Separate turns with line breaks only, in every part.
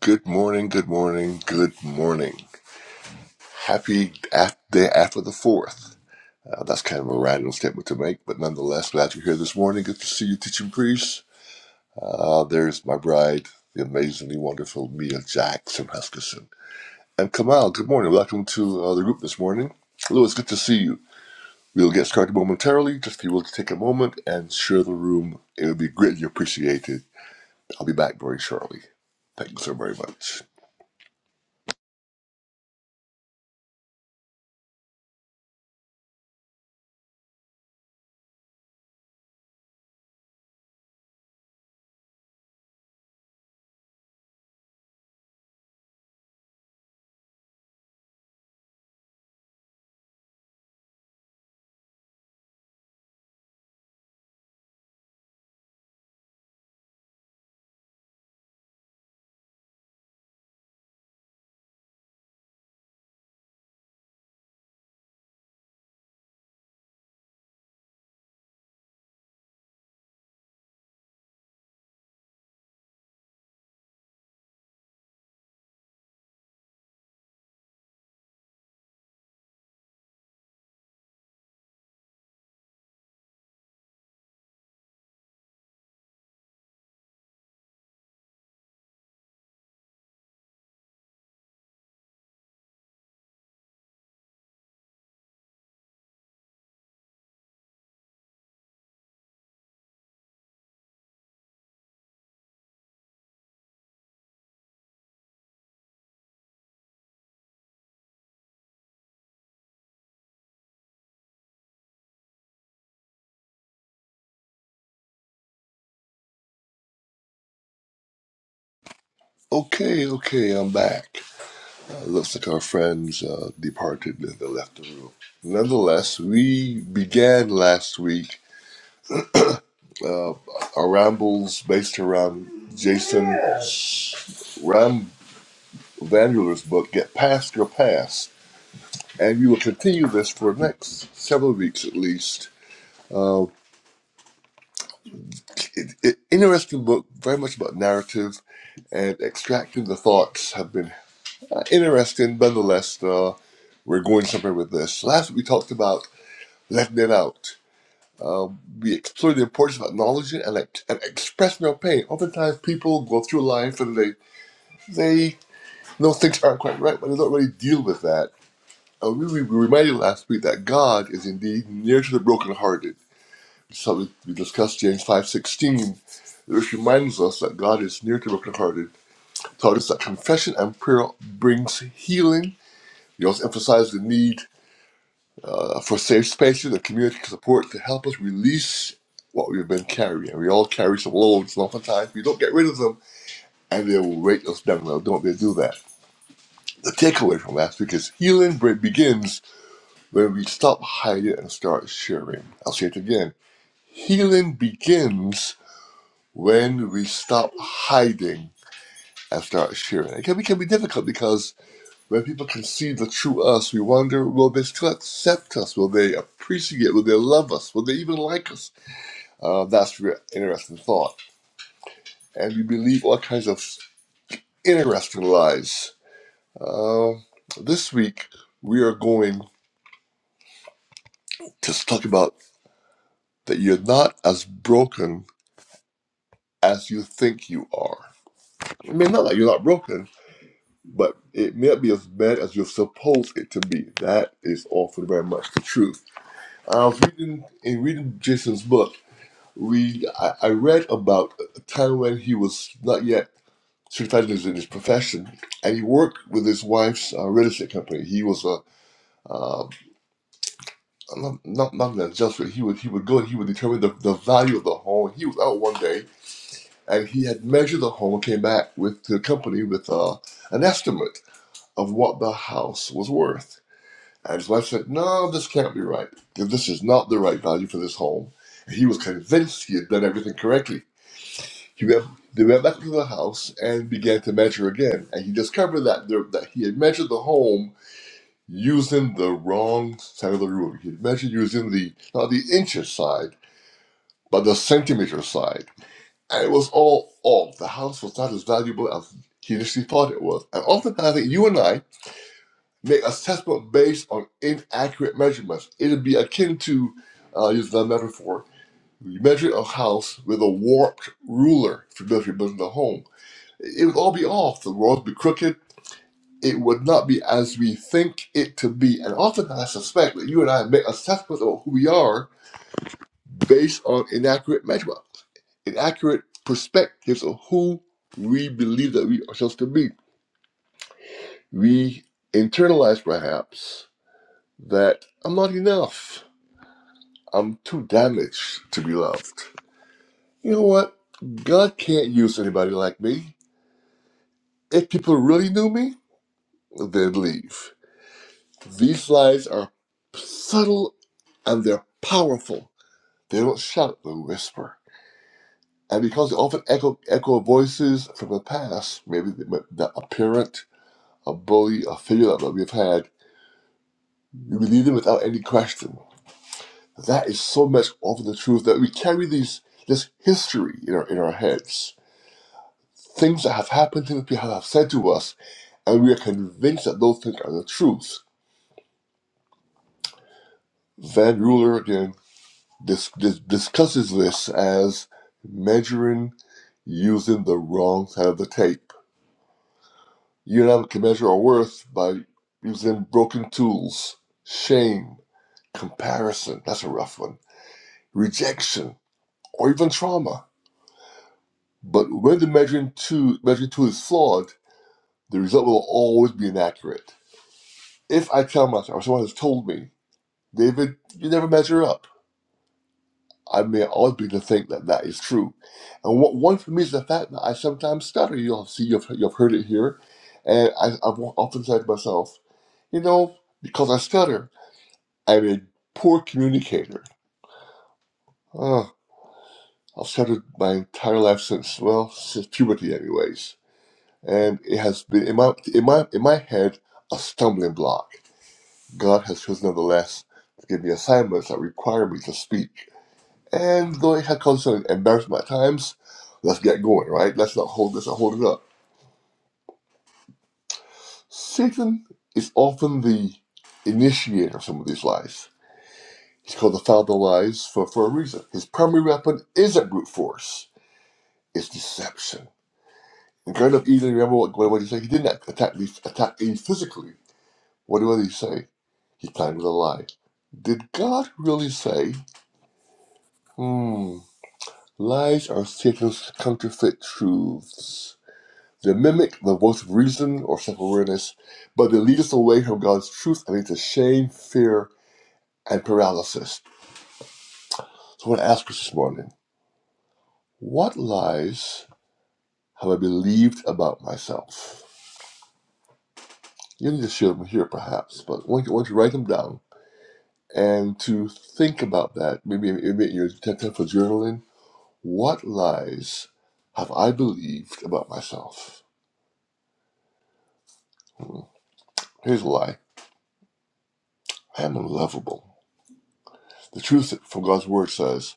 Good morning, good morning, good morning. Happy af- day after the 4th. Uh, that's kind of a random statement to make, but nonetheless, glad you're here this morning. Good to see you, teaching priest. Uh, there's my bride, the amazingly wonderful Mia Jackson Huskisson. And Kamal, good morning. Welcome to uh, the group this morning. Louis, good to see you. We'll get started momentarily. Just if you will take a moment and share the room, it would be greatly appreciated. I'll be back very shortly. Thank you so very much. Okay, okay, I'm back. It looks like our friends uh, departed and they left the room. Nonetheless, we began last week uh, our rambles based around Jason Ram Vanderler's book, Get Past Your Past. And we will continue this for the next several weeks at least. Uh, it, it, interesting book, very much about narrative and extracting the thoughts have been uh, interesting. Nonetheless, uh, we're going somewhere with this. Last week we talked about letting it out. Um, we explore the importance of acknowledging and, like, and expressing our pain. Oftentimes, people go through life and they they know things aren't quite right, but they don't really deal with that. And we, we were reminded last week that God is indeed near to the brokenhearted. So we, we discussed James five sixteen, which reminds us that God is near to the brokenhearted. Taught us that confession and prayer brings healing. He also emphasized the need. uh, for safe spaces and community support to help us release what we've been carrying. We all carry some loads, and oftentimes we don't get rid of them, and they will weight us down. Now, don't they do that? The takeaway from last week is healing be- begins when we stop hiding and start sharing. I'll say it again. Healing begins when we stop hiding and start sharing. It can be, can be difficult because when people can see the true us, we wonder, will they still accept us? Will they appreciate? Will they love us? Will they even like us? Uh, that's an interesting thought. And we believe all kinds of interesting lies. Uh, this week, we are going to talk about that you're not as broken as you think you are. I mean, not that you're not broken, but it may not be as bad as you suppose it to be. That is often very much the truth. I was reading, in reading Jason's book, we I, I read about a time when he was not yet certified is in his profession, and he worked with his wife's uh, real estate company. He was a uh, not not not an adjuster. He would he would go and he would determine the, the value of the home. He was out one day and he had measured the home and came back with to the company with uh, an estimate of what the house was worth. And his wife said, "No, this can't be right. This is not the right value for this home." And he was convinced he had done everything correctly He went, they went back to the house and began to measure again, and he discovered that there, that he had measured the home using the wrong side of the ruler. He had measured using the not the inches side, but the centimeter side, and it was all off. The house was not as valuable as he initially thought it was. And oftentimes, I think you and I make assessment based on inaccurate measurements. It'd be akin to, uh, use that metaphor, you measure a house with a warped ruler for building the home it would all be off. The world would be crooked. It would not be as we think it to be. And often I suspect that you and I make assessments of who we are based on inaccurate measurements, inaccurate perspectives of who we believe that we are supposed to be. We internalize perhaps that I'm not enough. I'm too damaged to be loved. You know what? God can't use anybody like me. If people really knew me, they'd leave. These lies are subtle and they're powerful. They don't shout, they whisper. And because they often echo, echo voices from the past, maybe the, the, a parent, a bully, a figure that we've had, we believe them without any question. That is so much often the truth that we carry these this history in our, in our heads. Things that have happened, things people have said to us, and we are convinced that those things are the truth. Van Ruler, again. Dis- dis- discusses this as measuring using the wrong side of the tape. You and I can measure our worth by using broken tools, shame, comparison, that's a rough one, rejection, or even trauma. But when the measuring tool, measuring tool is flawed, the result will always be inaccurate. If I tell myself, or someone has told me, David, you never measure up I mean, I always begin to think that that is true. And what one for me is the fact that I sometimes stutter. You'll see, you've, you've heard it here. And I, I've often said to myself, you know, because I stutter, I'm a poor communicator. Oh, I've stuttered my entire life since, well, since puberty, anyways. And it has been in my in my in my head a stumbling block. God has chosen, nonetheless, to give me assignments that require me to speak. And though it had caused some embarrassment at times, let's get going, right? Let's not hold this, not hold it up. Satan is often the initiator of some of these lies. He's called the father of lies for, for a reason. His primary weapon isn't brute force, it's deception. In Garden of Eden, remember what, what, what he said? He didn't attack Eve, attack Eve physically. What, did- what did he say? He planned with a lie. Did God really say, hmm, lies are Satan's counterfeit truths? They mimic the voice of reason or self awareness, but they lead us away from God's truth and lead to shame, fear, and paralysis. So I want to ask us this morning what lies have I believed about myself? You need to share them here perhaps, but I want you, to write them down and to think about that. Maybe, maybe you're tempted for journaling. What lies have I believed about myself? Hmm. Here's a lie I am unlovable. The truth from God's word says,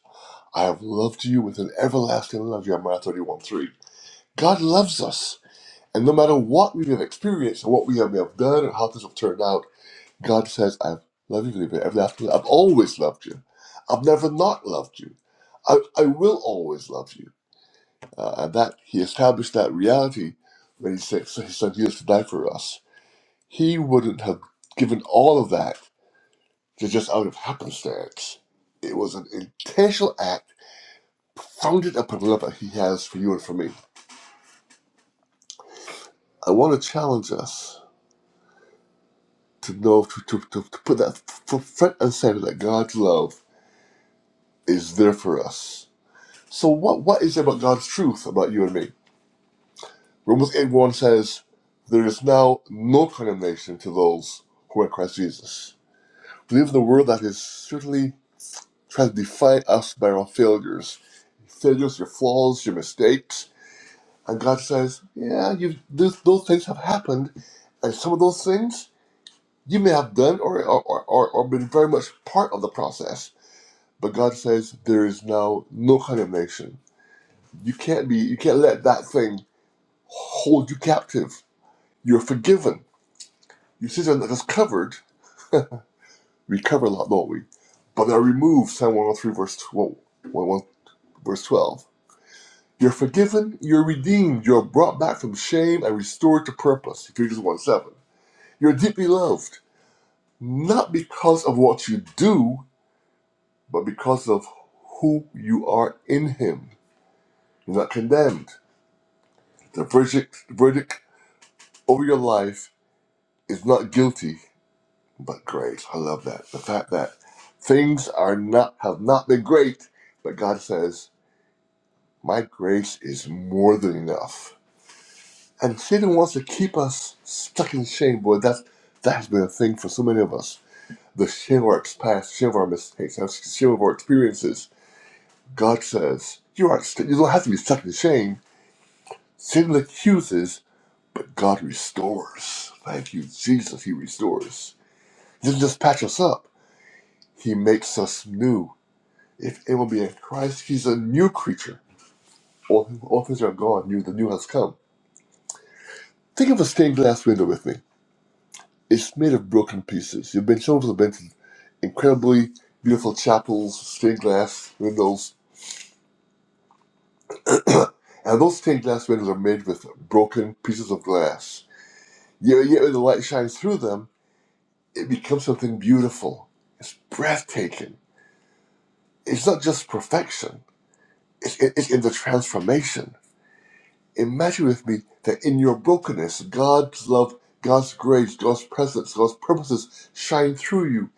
I have loved you with an everlasting love, Jeremiah 31 3. God loves us. And no matter what we have experienced or what we have may have done or how things have turned out, God says, I've loved you with an everlasting love. I've always loved you. I've never not loved you. I, I will always love you. Uh, and that he established that reality when he sent his son Jesus to die for us. He wouldn't have given all of that to just out of happenstance. It was an intentional act founded upon the love that He has for you and for me. I want to challenge us to know to, to, to, to put that f- front and center that God's love is there for us. So what what is it about God's truth about you and me? Romans 8 1 says, There is now no condemnation to those who are in Christ Jesus. We live in a world that is certainly trying to define us by our failures. Failures, your flaws, your mistakes. And God says, Yeah, you those those things have happened. And some of those things You may have done or, or, or, or been very much part of the process, but God says there is now no condemnation. You can't be, you can't let that thing hold you captive. You're forgiven. Your sin that is covered, we cover a lot, don't we? But are removed, Psalm 103, verse 12, verse 12. You're forgiven, you're redeemed, you're brought back from shame and restored to purpose, Ephesians 1 7. You're deeply loved, not because of what you do, but because of who you are in Him, you're not condemned. The verdict, the verdict over your life is not guilty, but great. I love that. The fact that things are not have not been great, but God says, "My grace is more than enough." And Satan wants to keep us stuck in shame, boy. That's that has been a thing for so many of us. The shame of our past, shame of our mistakes, the shame of our experiences. God says, "You aren't. st- You don't have to be stuck in shame." Satan accuses, but God restores. Thank you, Jesus, He restores. He doesn't just patch us up, He makes us new. If it will be in Christ, He's a new creature. All, all things are gone, new, the new has come. Think of a stained glass window with me. It's made of broken pieces. You've been shown the been incredibly beautiful chapels, stained glass windows, and those stained glass windows are made with broken pieces of glass. Yet, yet when the light shines through them it becomes something beautiful. It's breathtaking. It's not just perfection, it's, it's in the transformation. Imagine with me that in your brokenness, God's love, God's grace, God's presence, God's purposes shine through you.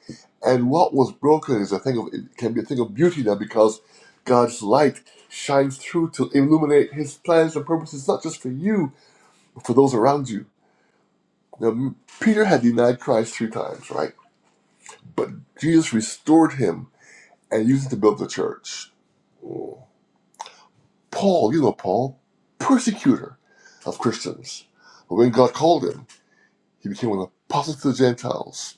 And what was broken is a thing of, it can be a thing of beauty now because God's light shines through to illuminate his plans and purposes, not just for you, but for those around you. Now, Peter had denied Christ three times, right? But Jesus restored him and used it to build the church. Paul, you know Paul, persecutor of Christians. But when God called him, he became an apostle to the Gentiles.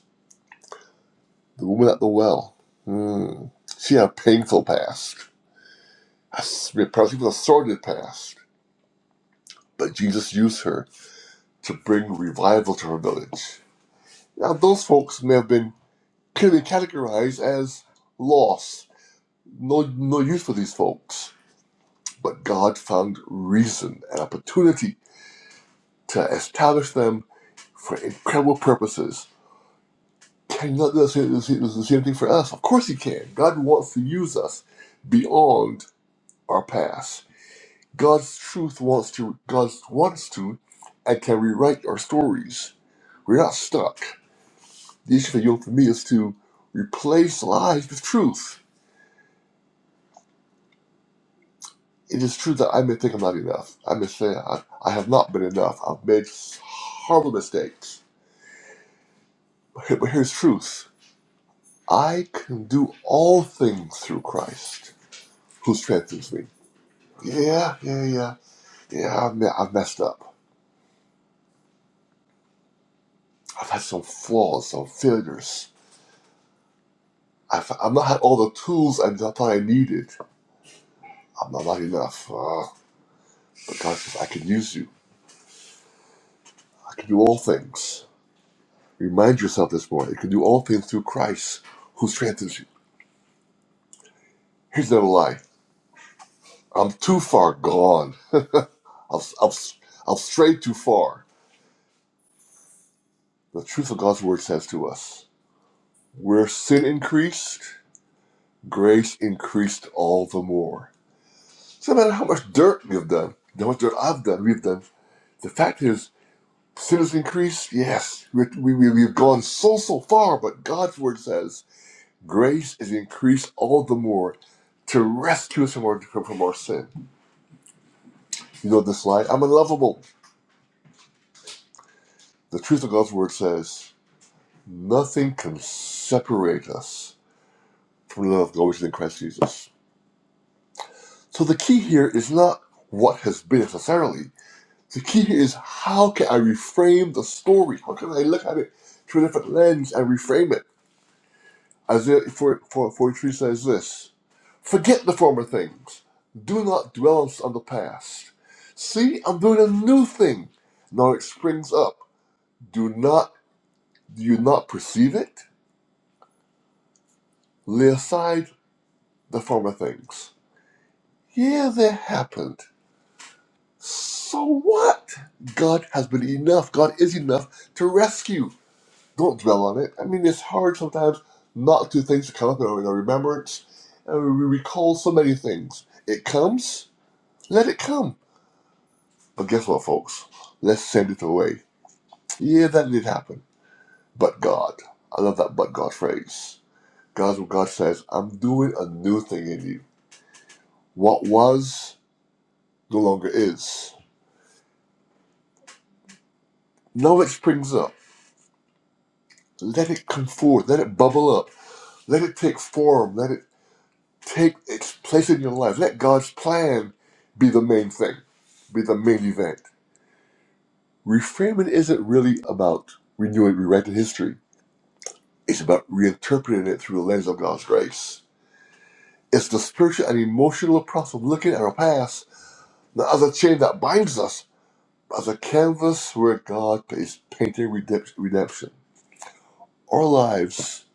The woman at the well, hmm, she had a painful past, a, s- perhaps even a sordid past. But Jesus used her to bring revival to her village. Now, those folks may have been clearly categorized as lost, no, no use for these folks. But God found reason and opportunity to establish them for incredible purposes. Can God do the same, the same the same thing for us? Of course He can. God wants to use us beyond our past. God's truth wants to. God wants to, and can rewrite our stories. We're not stuck. The issue for you and for me is to replace lies with truth. It is true that I may think I'm not enough. I may say I, I have not been enough. I've made horrible mistakes. But, here- but here's truth. I can do all things through Christ who strengthens me. Yeah, yeah, yeah, yeah. I've, me- I've messed up. I've had some flaws, some failures. I've, I've not had all the tools I thought I needed. I'm not, not enough. Uh, but God says, I can use you. I can do all things. Remind yourself this morning, you can do all things through Christ who strengthens you. Here's another lie. I'm too far gone. I've, I've, I've strayed too far. The truth of God's word says to us, where sin increased, grace increased all the more So no matter how much dirt we have done, how much dirt I've done, we've done. The fact is, sin has increased. Yes, we, we, we- we've gone so, so far, but God's word says grace is increased all the more to rescue us from our, from our sin. You know this line, I'm unlovable. The truth of God's word says nothing can separate us from the love of God which is in Christ Jesus. So the key here is not what has been necessarily, The key here is how can I reframe the story? How can I look at it through a different lens and reframe it? Isaiah 4- 4- 43 says this Forget the former things. Do not dwell on the past. See, I'm doing a new thing. Now it springs up. Do not do you not perceive it? Lay aside the former things. Yeah, they happened. So what? God has been enough. God is enough to rescue. don't dwell on it. I mean, it's hard sometimes not to things to come up in our in our remembrance, and we recall so many things. It comes, let it come. But guess what, folks? Let's send it away. Yeah, that did happen. But God, I love that "but God" phrase. God's what God says. I'm doing a new thing in you. What was no longer is. Now it springs up. Let it come forth. Let it bubble up. Let it take form. Let it Take its place in your life. Let God's plan be the main thing, be the main event. Reframing isn't really about renewing rewriting history. It's about reinterpreting it through the lens of God's grace. It's the spiritual and emotional process of looking at our past, not as a chain that binds us, but as a canvas where God is painting redemp- redemption. Our lives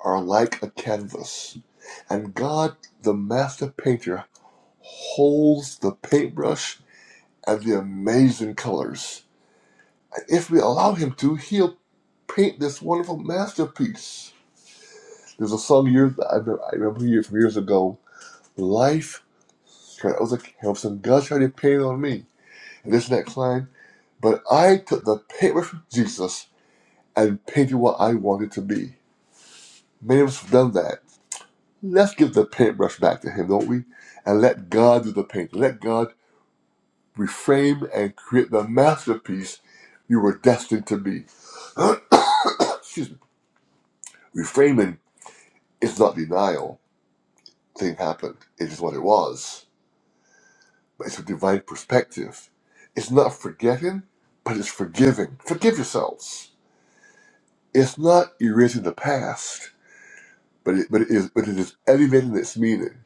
are like a canvas, and God, the master painter, holds the paintbrush and the amazing colors. And if we allow him to, he'll paint this wonderful masterpiece. There's a song years I remember, I remember years from years ago, "Life." That was a Harrison God tried to paint on me, and this next line, But I took the paintbrush from Jesus and painted what I wanted to be. Many of us have done that. Let's give the paintbrush back to him, don't we? And let God do the painting. Let God reframe and create the masterpiece you were destined to be. excuse me, reframing is not denial. Thing happened. It is what it was. But it's a divine perspective. It's not forgetting, but it's forgiving. Forgive yourselves. It's not erasing the past, but it, but it is but it is elevating its meaning.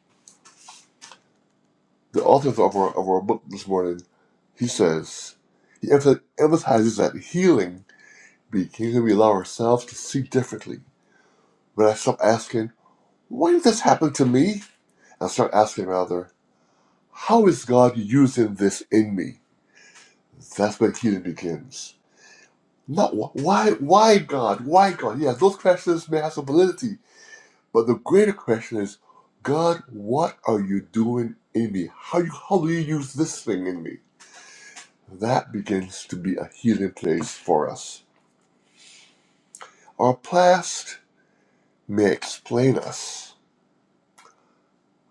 The author of our of our book this morning, he says, he emph- emphasizes that healing begins when we allow ourselves to see differently. When I stop asking, "Why did this happen to me?" and start asking rather. How is God using this in me? That's where healing begins. Not wh- why, why God, why God? Yeah, those questions may have some validity, but the greater question is, God, what are you doing in me? How you, how do you use this thing in me? That begins to be a healing place for us. Our past may explain us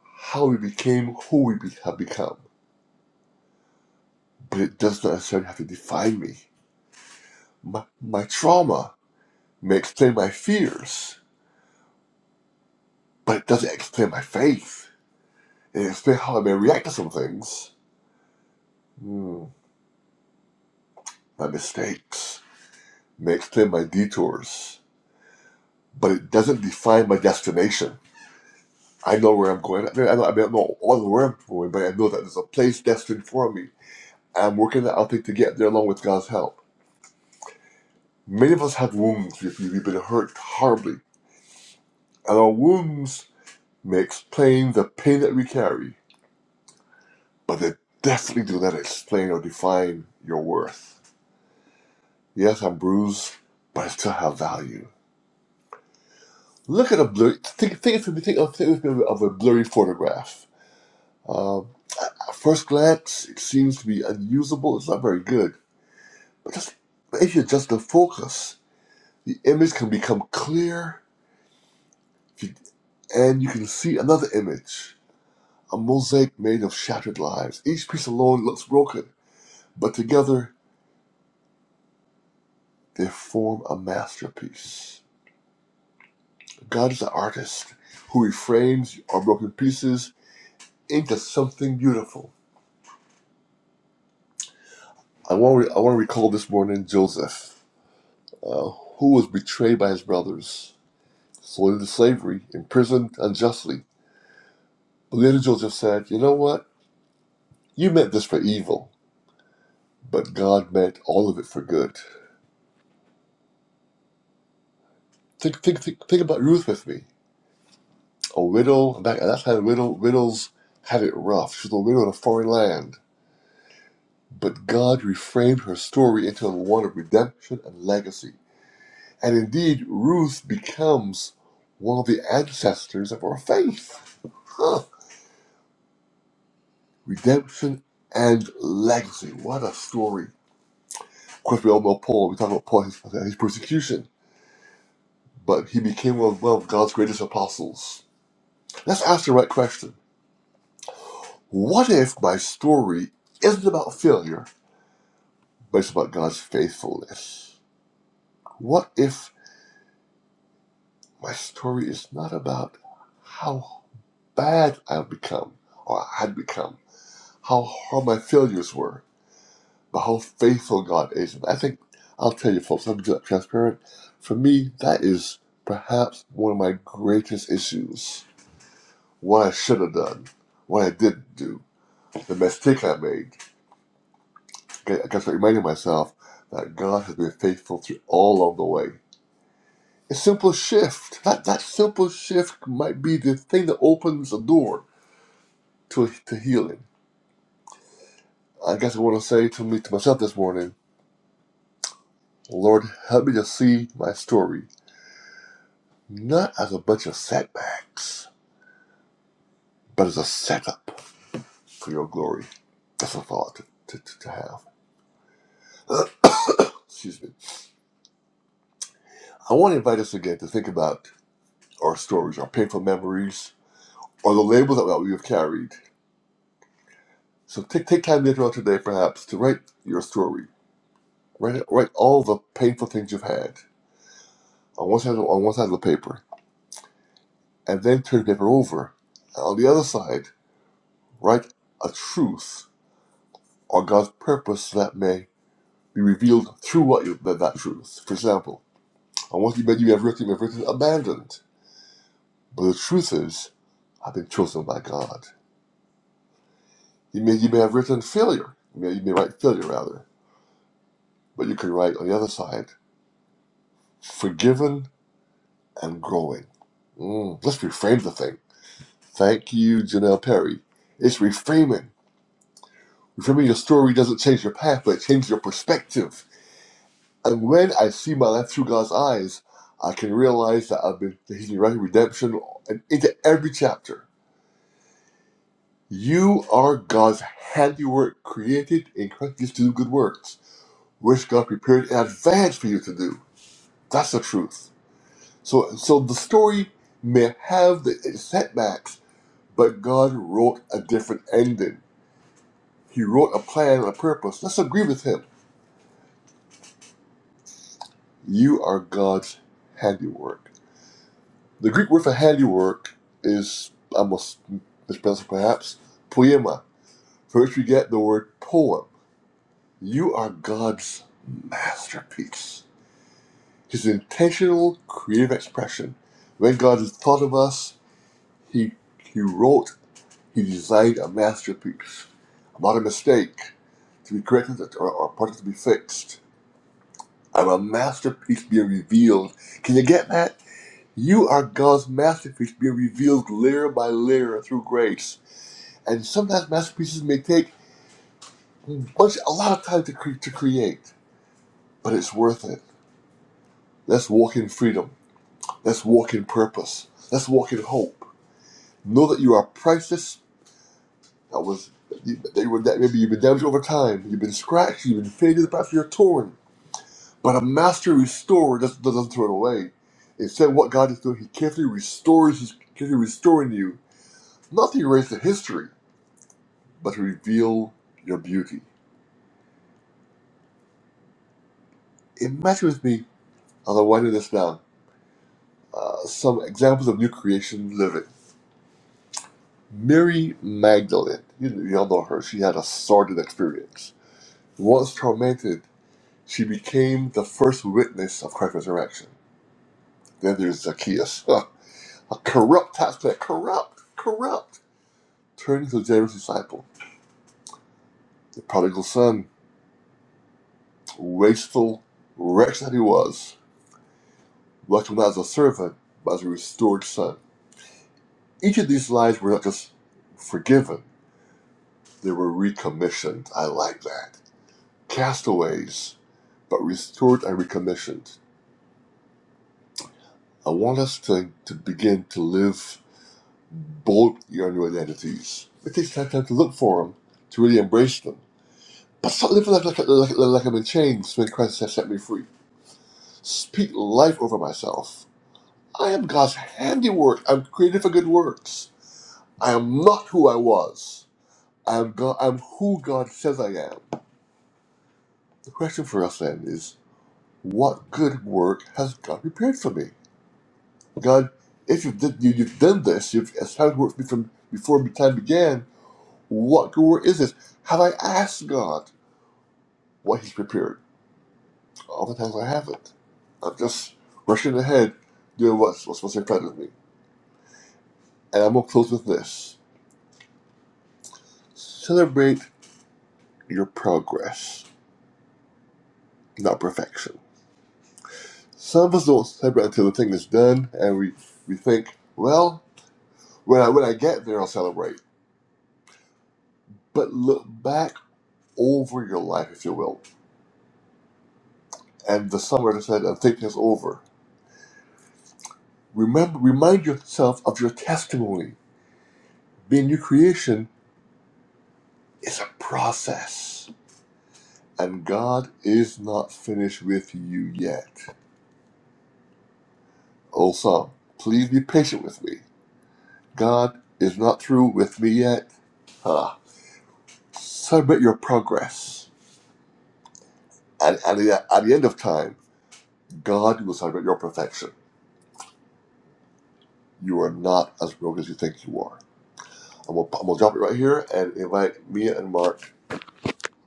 how we became who we be- have become, but it does not necessarily have to define me. My, my trauma may explain my fears, but it doesn't explain my faith. It explains how I may react to some things, Hmm. my mistakes, it may explain my detours, but it doesn't define my destination. I know where I'm going. I mean, I, know, I mean, I don't know all where I'm going, but I know that there's a place destined for me. I'm working that out to get there along with God's help. Many of us have wounds. We've, we've been hurt horribly, and our wounds may explain the pain that we carry, but they definitely do not explain or define your worth. Yes, I'm bruised, but I still have value. Look at a blurry. Think, think, of- think, of, think of of a blurry photograph. Um, at first glance, it seems to be unusable. It's not very good. But just if you adjust the focus, the image can become clear, if you- and you can see another image, a mosaic made of shattered lives. Each piece alone looks broken, but together they form a masterpiece. God is an artist who reframes our broken pieces into something beautiful. I want to I want to recall this morning Joseph, uh, who was betrayed by his brothers, sold into slavery, imprisoned unjustly. But later Joseph said, "You know what? You meant this for evil, but God meant all of it for good." Think think think, think about Ruth with me, a widow. Back at that time, widow, widows had it rough. She was a widow in a foreign land. But God reframed her story into one of redemption and legacy. And indeed, Ruth becomes one of the ancestors of our faith. Huh. Redemption and legacy. What a story. Of course, we all know Paul. We talk about Paul and his, his persecution, but he became one of, one of God's greatest apostles. Let's ask the right question. What if my story isn't about failure, but it's about God's faithfulness? What if my story is not about how bad I've become or had become, how hard my failures were? But how faithful God is. And I think, I'll tell you folks, I'm just transparent. For me, that is perhaps one of my greatest issues. What I should have done, what I didn't do, the mistake I made. Okay, I guess I'm reminding myself that God has been faithful through all of the way. A simple shift, that, that simple shift might be the thing that opens the door to, to healing. I guess I want to say to me to myself this morning, Lord, help me to see my story not as a bunch of setbacks, but as a setup for your glory. That's a thought to, to, to, to have. Uh, excuse me. I want to invite us again to think about our stories, our painful memories, or the labels that we have carried. So take, take time later on today, perhaps, to write your story. Write, it- write all the painful things you've had on one side of, on one side of the paper, and then turn the paper over. And on the other side, write a truth or God's purpose that may be revealed through what you, that, that truth. For example, on what you bed you have written, you have written abandoned. But the truth is, I've been chosen by God. You may, you may have written failure. You may, you may write failure, rather. But you can write on the other side, forgiven and growing. Mm, let's reframe the thing. Thank you, Janelle Perry. It's reframing. Reframing your story doesn't change your path, but it changes your perspective And when I see my life through God's eyes, I can realize that I've been that He's been writing redemption and into every chapter. You are God's handiwork, created in Christ Jesus to do good works, which God prepared in advance for you to do. That's the truth. So, so the story may have the its setbacks, but God wrote a different ending. He wrote a plan and a purpose. Let's agree with Him. You are God's handiwork. The Greek word for handiwork is, I must mispronounce it perhaps, poema, from which we get the word poem. You are God's masterpiece, his intentional creative expression. When God thought of us, he, he wrote, he designed a masterpiece. I'm not a mistake to be corrected or, or a project to be fixed. I'm a masterpiece being revealed. Can you get that? You are God's masterpiece being revealed layer by layer through grace and sometimes masterpieces may take much a lot of time to, cre- to create, but it's worth it. Let's walk in freedom. Let's walk in purpose. Let's walk in hope. Know that you are priceless. That was that you were that maybe you've been damaged over time. You've been scratched. You've been faded. Perhaps you're torn. But a master restorer doesn't, doesn't throw it away. Instead, what God is doing, He carefully restores. He's carefully restoring you, not to erase the history, but to reveal your beauty. Imagine with me as I wind this down Uh, some examples of new creation living. Mary Magdalene, you, you all know her, she had a sordid experience. Once tormented, she became the first witness of Christ's resurrection. Then there's Zacchaeus, a corrupt tax collector, corrupt, corrupt, turning to a generous disciple. The prodigal son, wasteful, wretch that he was, welcomed not as a servant, but as a restored son. Each of these lives were not just forgiven, they were recommissioned. I like that castaways, but restored and recommissioned. I want us to, to begin to live both your new identities. It takes time, time to look for them, to really embrace them. But stop living like, like, like, like like I'm in chains when Christ has set me free. Speak life over myself. I am God's handiwork. I'm created for good works. I am not who I was. I am God, I'm who God says I am. The question for us then is, what good work has God prepared for me? God, if you've, did, you, you've done this, you've established work with me from before time began, what good work is this? Have I asked God what He's prepared? Oftentimes I haven't. I'm just rushing ahead, doing what's, what's, what's in front of me. And I'm going to close with this celebrate your progress, not perfection. Some of us don't celebrate until the thing is done, and we, we think, well, when I, when I get there, I'll celebrate. But look back over your life, if you will And the songwriter said, I'm taking this over. Remember, remind yourself of your testimony. Being new creation is a process. And God is not finished with you yet. Old song, please be patient with me. God is not through with me yet. Huh. Celebrate your progress. And at the, at the end of time, God will celebrate your perfection. You are not as broken as you think you are. I'm gonna, I'm gonna drop it right here and invite Mia and Mark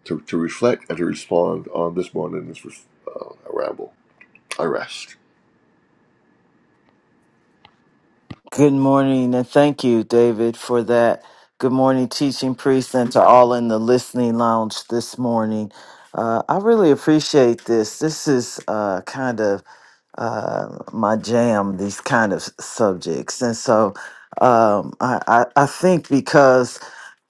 to, to reflect and to respond on this morning's uh, ramble. I rest.
Good morning, and thank you, David, for that. Good morning, teaching priest, and to all in the listening lounge this morning. Uh, I really appreciate this. This is uh, kind of uh, my jam, these kind of s- subjects. And so um, I, I, I think because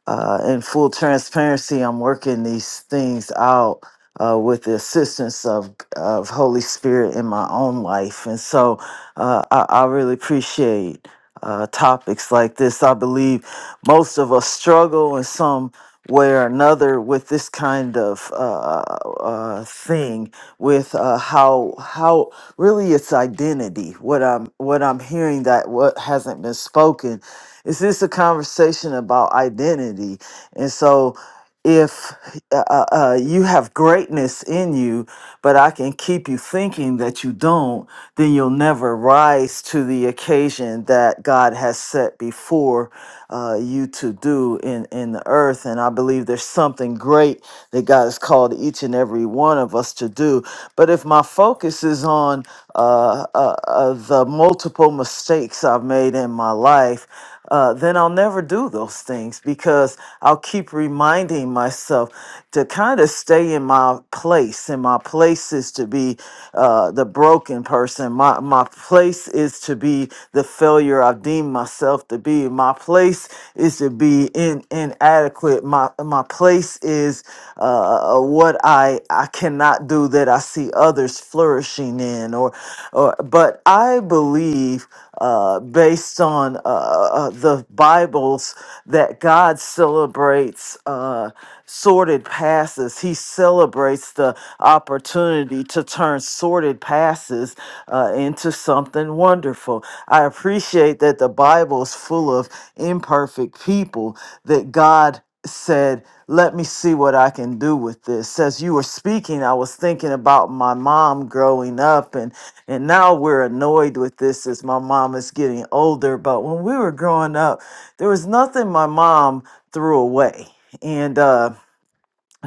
uh, in full transparency, I'm working these things out uh, with the assistance of of Holy Spirit in my own life, and so uh, I, I really appreciate uh, topics like this. I believe most of us struggle in some way or another with this kind of uh, uh, thing, with uh, how how really it's identity. What I'm what I'm hearing that what hasn't been spoken is this a conversation about identity, and so if uh, uh, uh, you have greatness in you, but I can keep you thinking that you don't, then you'll never rise to the occasion that God has set before uh, you to do in, in the earth. And I believe there's something great that God has called each and every one of us to do. But if my focus is on uh, uh, uh, the multiple mistakes I've made in my life, uh, then I'll never do those things because I'll keep reminding myself to kind of stay in my place. And my place is to be uh, the broken person. My, my place is to be the failure I've deemed myself to be. My place is to be in, inadequate. My, my place is uh, what I I I cannot do that I see others flourishing in or or but I believe uh, based on uh, uh, uh, the Bibles that God celebrates uh, sordid passes. He celebrates the opportunity to turn sordid passes uh, into something wonderful. I appreciate that the Bible is full of imperfect people that God said, Let me see what I can do with this. As you were speaking, I was thinking about my mom growing up, and, and now we're annoyed with this as my mom is getting older. But when we were growing up, there was nothing my mom threw away. And uh,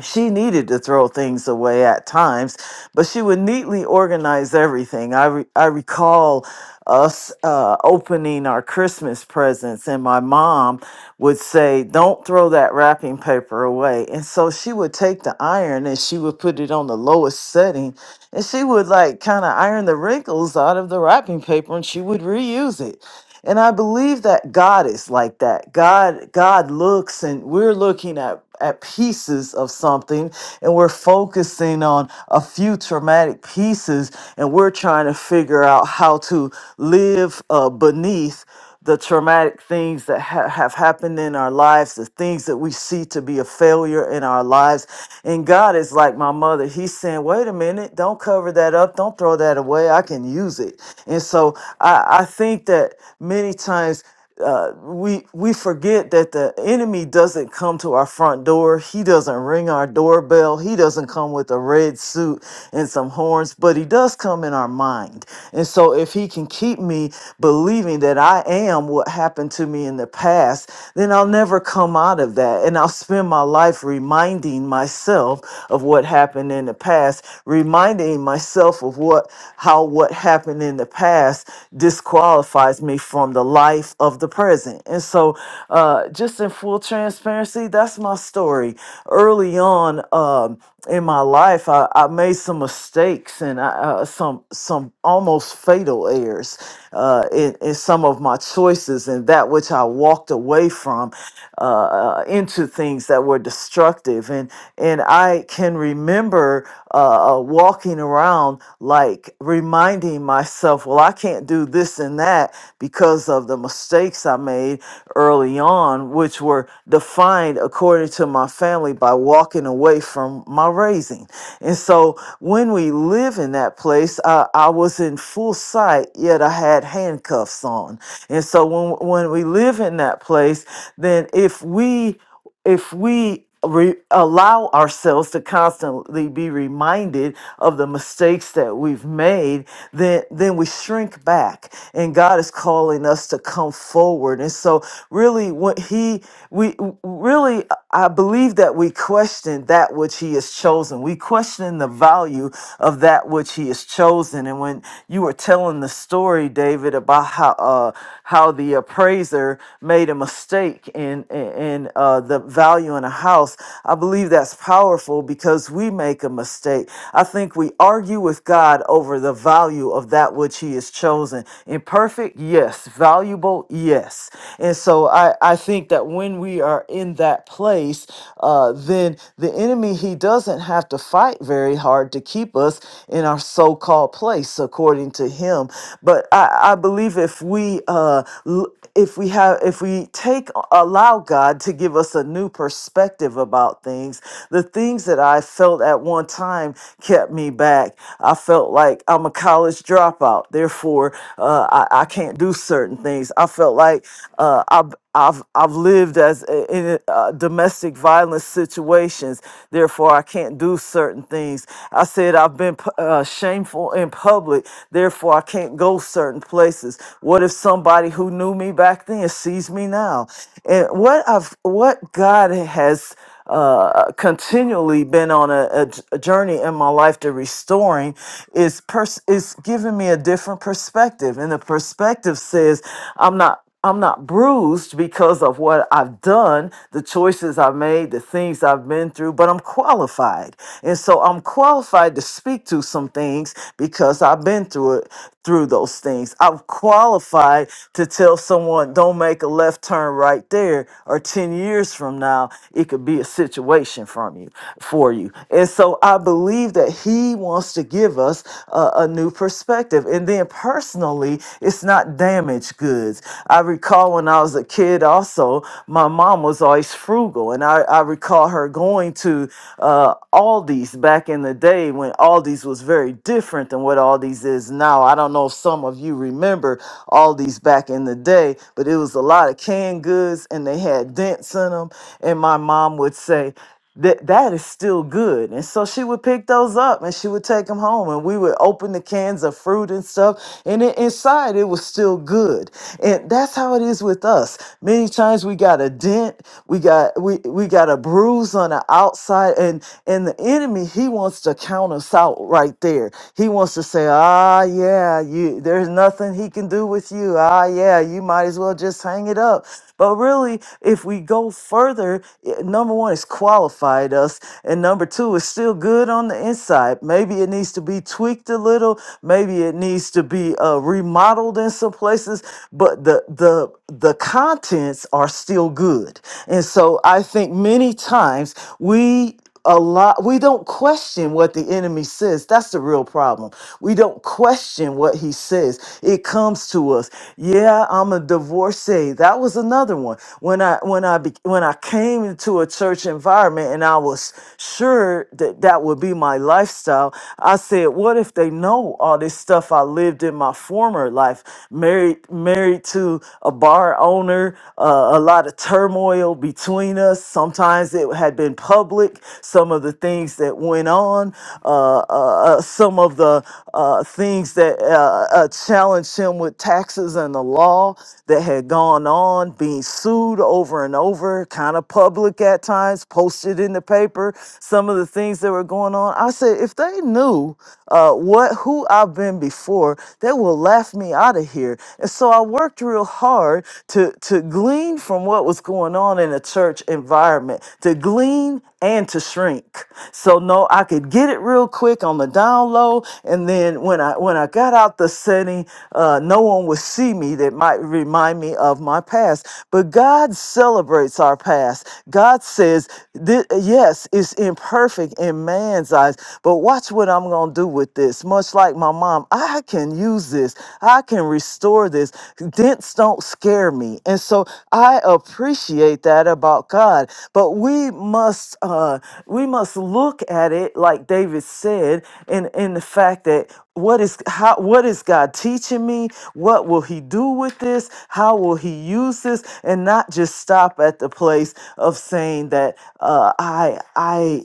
she needed to throw things away at times, but she would neatly organize everything. I, re- I recall us uh, opening our Christmas presents, and my mom would say, Don't throw that wrapping paper away. And so she would take the iron and she would put it on the lowest setting, and she would like kind of iron the wrinkles out of the wrapping paper and she would reuse it. And I believe that God is like that. God God looks and we're looking at at pieces of something and we're focusing on a few traumatic pieces and we're trying to figure out how to live uh, beneath the traumatic things that ha- have happened in our lives, the things that we see to be a failure in our lives. And God is like my mother. He's saying, wait a minute, don't cover that up. Don't throw that away. I can use it. And so I, I think that many times uh, we we forget that the enemy doesn't come to our front door. He doesn't ring our doorbell. He doesn't come with a red suit and some horns, but he does come in our mind. And so if he can keep me believing that I am what happened to me in the past, then I'll never come out of that and I'll spend my life reminding myself of what happened in the past, reminding myself of what how what happened happened in the past disqualifies me from the life of the present. And so, uh, just in full transparency, that's my story. Early on um, in my life, I, I made some mistakes and I, uh, some some almost fatal errors uh, in, in some of my choices and that which I walked away from uh, uh, into things that were destructive. And and I can remember ever uh, uh, walking around like reminding myself, well, I can't do this and that because of the mistakes I made early on, which were defined according to my family by walking away from my raising. And so when we live in that place, uh, I was in full sight, yet I had handcuffs on. And so when, when we live in that place, then if we if we re- allow ourselves to constantly be reminded of the mistakes that we've made then then we shrink back and God is calling us to come forward and so really what he we really I believe that we question that which he has chosen we question the value of that which he has chosen and when you were telling the story David about how uh how the appraiser made made a mistake in in, uh, the value in a house. I believe that's powerful because we make a mistake. I think we argue with God over the value of that which He has chosen. Imperfect, yes. Valuable, yes. And so I I think that when we are in that place, uh, then the enemy he doesn't have to fight very hard to keep us in our so-called place according to him. But I I believe if if we uh l- if we have if we take allow God to give us a new perspective about things, the things that I felt at one time kept me back. I felt like I'm a college dropout, therefore uh, I, I can't do certain things. I felt like uh, I've I've I've lived as a- in uh, domestic violence situations, therefore I can't do certain things. I said I've been pu- uh, shameful in public, Therefore, I can't go certain places. What if somebody who knew me back then sees me now? And what I've, what God has uh, continually been on a, a j- a journey in my life to restoring is pers- is giving me a different perspective, and the perspective says I'm not. I'm not bruised because of what I've done, the choices I've made, the things I've been through, but I'm qualified. And so I'm qualified to speak to some things because I've been through it through those things. I'm qualified to tell someone don't make a left turn right there or 10 years from now it could be a situation from you for you. And so I believe that he wants to give us a, a new perspective. And then personally, it's not damn damaged goods. I recall when I was a kid, also, my mom was always frugal. And I, I recall her going to uh, Aldi's back in the day when Aldi's was very different than what Aldi's is now. I don't know if some of you remember Aldi's back in the day, but it was a lot of canned goods and they had dents in them. And my mom would say, that that is still good. And so she would pick those up and she would take them home and we would open the cans of fruit and stuff and it, inside it was still good. And that's how it is with us. Many times we got a dent, we got we we got a bruise on the outside and and the enemy he wants to count us out right there. He wants to say, "Ah, yeah, you there's nothing he can do with you. Ah, yeah, you might as well just hang it up." But really, if we go further, i- number one, it's qualified us. And number two, it's still good on the inside. Maybe it needs to be tweaked a little. Maybe it needs to be uh, remodeled in some places. But the the the contents are still good. And so I think many times we a lot we don't question what the enemy says that's the real problem we don't question what he says it comes to us yeah i'm a divorcee that was another one when i when i be, when i came into a church environment and i was sure that that would be my lifestyle i said what if they know all this stuff i lived in my former life married married to a bar owner uh, a lot of turmoil between us. Sometimes it had been public, some of the things that went on, uh, uh, uh, some of the uh, things that uh, uh, challenged him with taxes and the law that had gone on, being sued over and over, kind of public at times, posted in the paper, some of the things that were going on. I said, if they knew uh, what who I've been before, they will laugh me out of here. And so I worked real hard to, to glean from what was going on in the church environment, to glean and to shrink. So no, I could get it real quick on the down low. And then when I when I got out the setting, uh, no one would see me that might remind me of my past. But God celebrates our past. God says, "Thi- yes, it's imperfect in man's eyes, but watch what I'm gonna do with this this, much like my mom. I can use this. I can restore this. Dents don't scare me. And so I appreciate that about God. But we must uh we must look at it like David said in in the fact that what is how what is God teaching me? What will he do with this? How will he use this? And not just stop at the place of saying that uh I I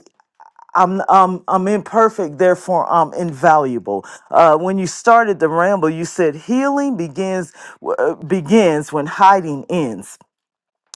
I'm um I'm imperfect, therefore I'm invaluable. Uh, when you started the ramble, you said healing begins w- uh, begins when hiding ends.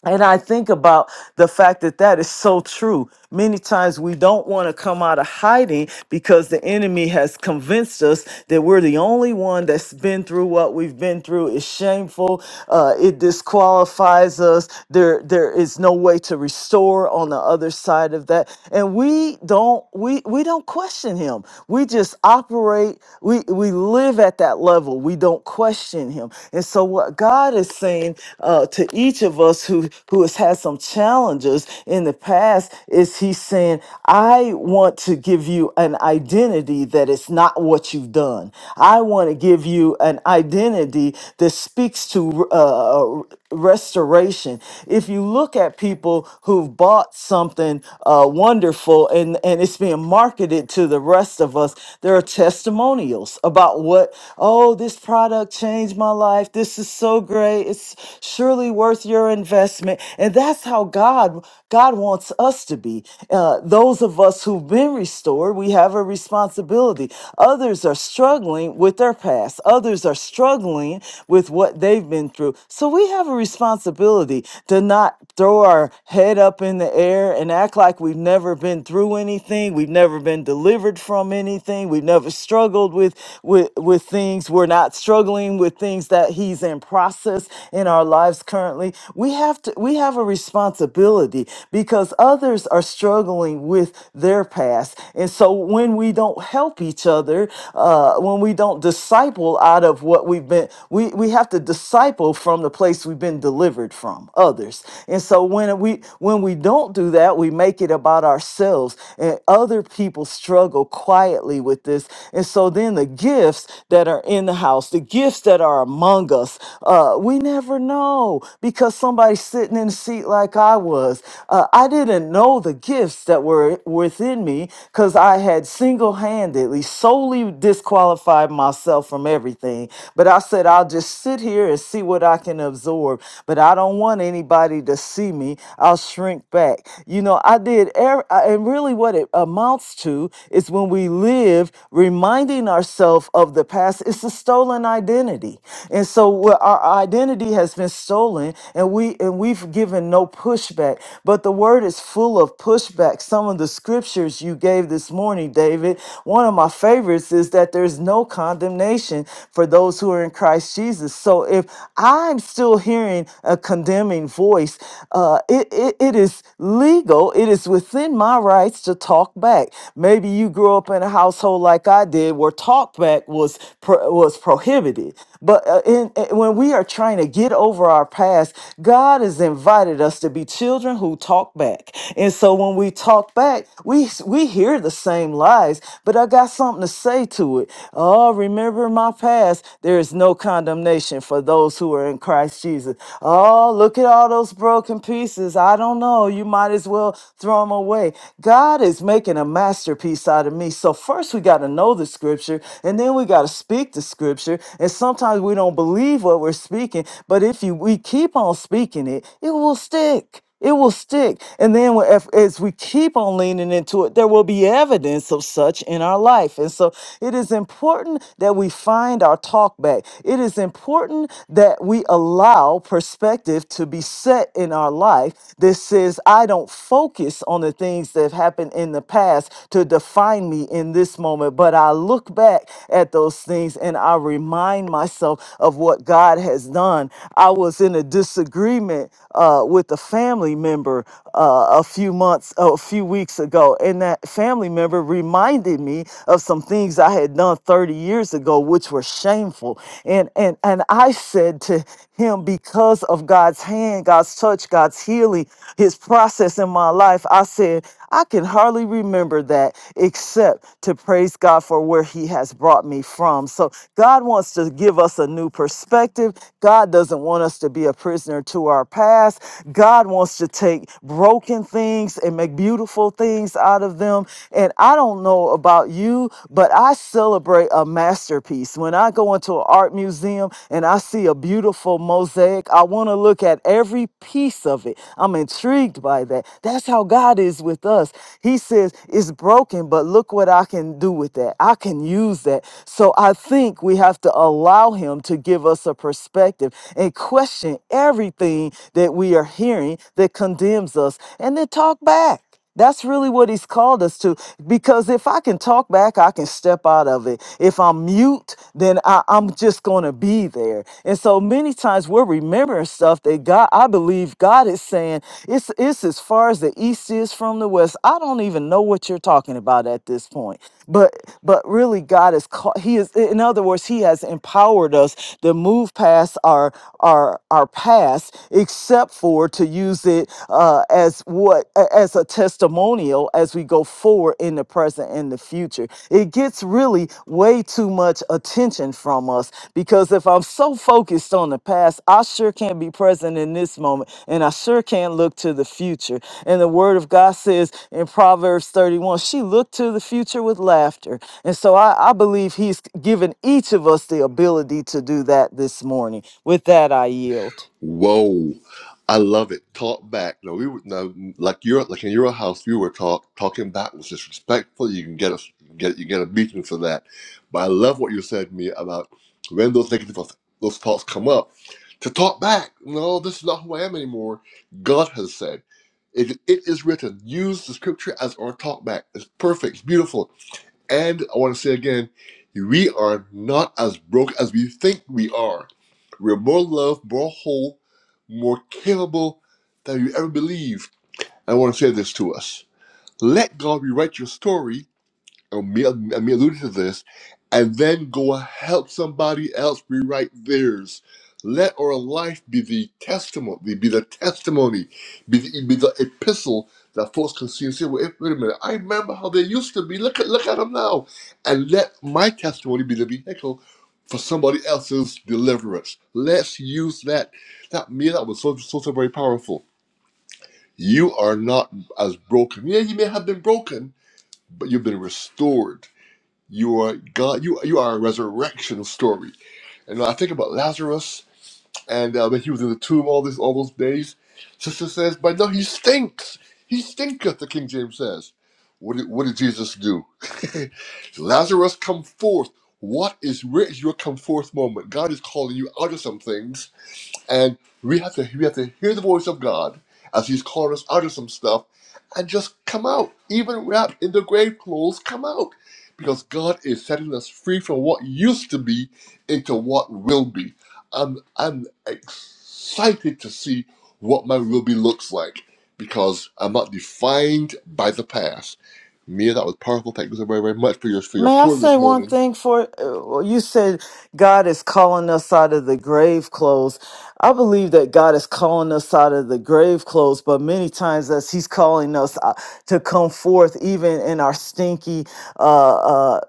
And I think about the fact that that is so true. Many times we don't want to come out of hiding because the enemy has convinced us that we're the only one that's been through what we've been through. It's shameful. Uh, it disqualifies us. There, there is no way to restore on the other side of that. And we don't, we we don't question him. We just operate. We we live at that level. We don't question him. And so what God is saying uh, to each of us who who has had some challenges in the past is he's saying, I want to give you an identity that is not what you've done. I want to give you an identity that speaks to uh, uh, restoration. If you look at people who've bought something uh, wonderful and, and it's being marketed to the rest of us, there are testimonials about what, oh, this product changed my life. This is so great. It's surely worth your investment our investment. And that's how God God wants us to be. Uh, those of us who've been restored, we have a responsibility. Others are struggling with their past. Others are struggling with what they've been through. So we have a responsibility to not throw our head up in the air and act like we've never been through anything. We've never been delivered from anything. We've never struggled with with with things. We're not struggling with things that he's in process in our lives currently we have to we have a responsibility because others are struggling with their past and so when we don't help each other uh, when we don't disciple out of what we've been we we have to disciple from the place we've been delivered from others and so when we when we don't do that we make it about ourselves and other people struggle quietly with this and so then the gifts that are in the house the gifts that are among us uh, we never know because somebody's sitting in a seat like I was. Uh, I didn't know the gifts that were within me because I had single handedly solely disqualified myself from everything. But I said, I'll just sit here and see what I can absorb. But I don't want anybody to see me. I'll shrink back. You know, I did, er- and really what it amounts to is when we live reminding ourselves of the past, it's a stolen identity. And so where our identity has been stolen, healing and we and we've given no pushback but the word is full of pushback some of the scriptures you gave this morning david one of my favorites is that there's no condemnation for those who are in christ jesus so if i'm still hearing a condemning voice uh it, it, it is legal it is within my rights to talk back maybe you grew up in a household like i did where talk back was pro- was prohibited but uh, in, in- when we are trying to get over our past, God has invited us to be children who talk back. And so when we talk back, we we hear the same lies, but I got something to say to it. Oh, remember my past. There is no condemnation for those who are in Christ Jesus. Oh, look at all those broken pieces. I don't know. You might as well throw them away. God is making a masterpiece out of me. So first we got to know the scripture and then we got to speak the scripture. And sometimes we don't believe what we're speaking, but if you we keep on speaking it, it will stick. It will stick. And then when- if, as we keep on leaning into it, there will be evidence of such in our life. And so it is important that we find our talk back. It is important that we allow perspective to be set in our life that says, I don't focus on the things that have happened in the past to define me in this moment, but I look back at those things and I remind myself of what God has done. I was in a disagreement uh, with a family member uh, a few months, a few weeks ago, and that family member reminded me of some things I had done 30 years ago, which were shameful. And and and I said to him, because of God's hand, God's touch, God's healing, His process in my life, I said. I can hardly remember that except to praise God for where He has brought me from. So, God wants to give us a new perspective. God doesn't want us to be a prisoner to our past. God wants to take broken things and make beautiful things out of them. And I don't know about you, but I celebrate a masterpiece. When I go into an art museum and I see a beautiful mosaic, leg. I want to look at every piece of it. I'm intrigued by that. That's how God is with us. He says, It's broken, but look what I can do with that. I can use that. So I think we have to allow Him to give us a perspective and question everything that we are hearing that condemns us and then talk back. That's really what he's called us to. Because if I can talk back, I can step out of it. If I'm mute, then I, I'm just going to be there. And so many times we're remembering stuff that God, I believe God is saying, it's, it's as far as the East is from the West. I don't even know what you're talking about at this point. But, but really God is, call, he is, in other words, he has empowered us to move past our, our, our past, except for for to use it uh, as what a- as a testimonial as we go forward in the present and the future. It gets really way too much attention from us because if I'm so focused on the past, I sure can't be present in this moment, and I sure can't look to the future. And the Word of God says in Proverbs 31, she looked to the future with laughter. And so I, I believe He's given each of us the ability to do that this morning. With that, I yield.
Whoa, I love it. Talk back. No, we were no, like you're like in your house. You were talk talking back was disrespectful. You can get a get you get a beating for that. But I love what you said to me about when those negative those thoughts come up to talk back. No, this is not who I am anymore. God has said. It, it is written. Use the scripture as our talk back. It's perfect. It's beautiful And I want to say again, we are not as broke as we think we are. We're more loved, more whole, more capable than you ever believed. I want to say this to us. Let God rewrite your story Amir, Amir alluded to this, and then go help somebody else rewrite theirs. Let our life be the testimony, be the testimony, be the, be the epistle that folks can see and say, wait, wait a minute, I remember how they used to be. Look at look at them now. And let my testimony be the vehicle for somebody else's deliverance. Let's use that. That me, that was so, so, so very powerful. You are not as broken. Yeah, you may have been broken, but you've been restored you are God. You you are a resurrection story. And I think about Lazarus and uh, when he was in the tomb all this all those days. Sister says, "But no, he stinks. He stinketh." The King James says, "What did, what did Jesus do? Lazarus, come forth. What is where is your come forth moment? God is calling you out of some things and we have to we have to hear the voice of God as He's calling us out of some stuff, and just come out, even wrapped in the grave clothes, come out, because God is setting us free from what used to be into what will be. I'm I'm excited to see what my will be looks like because I'm not defined by the past. Mia, that was powerful. Thank you so very, very much for your for your
May I
pour
say
this
one
morning.
thing for uh, you said God is calling us out of the grave clothes. I believe that God is calling us out of the grave clothes, but many times as he's calling us uh, to come forth even in our stinky uh, uh,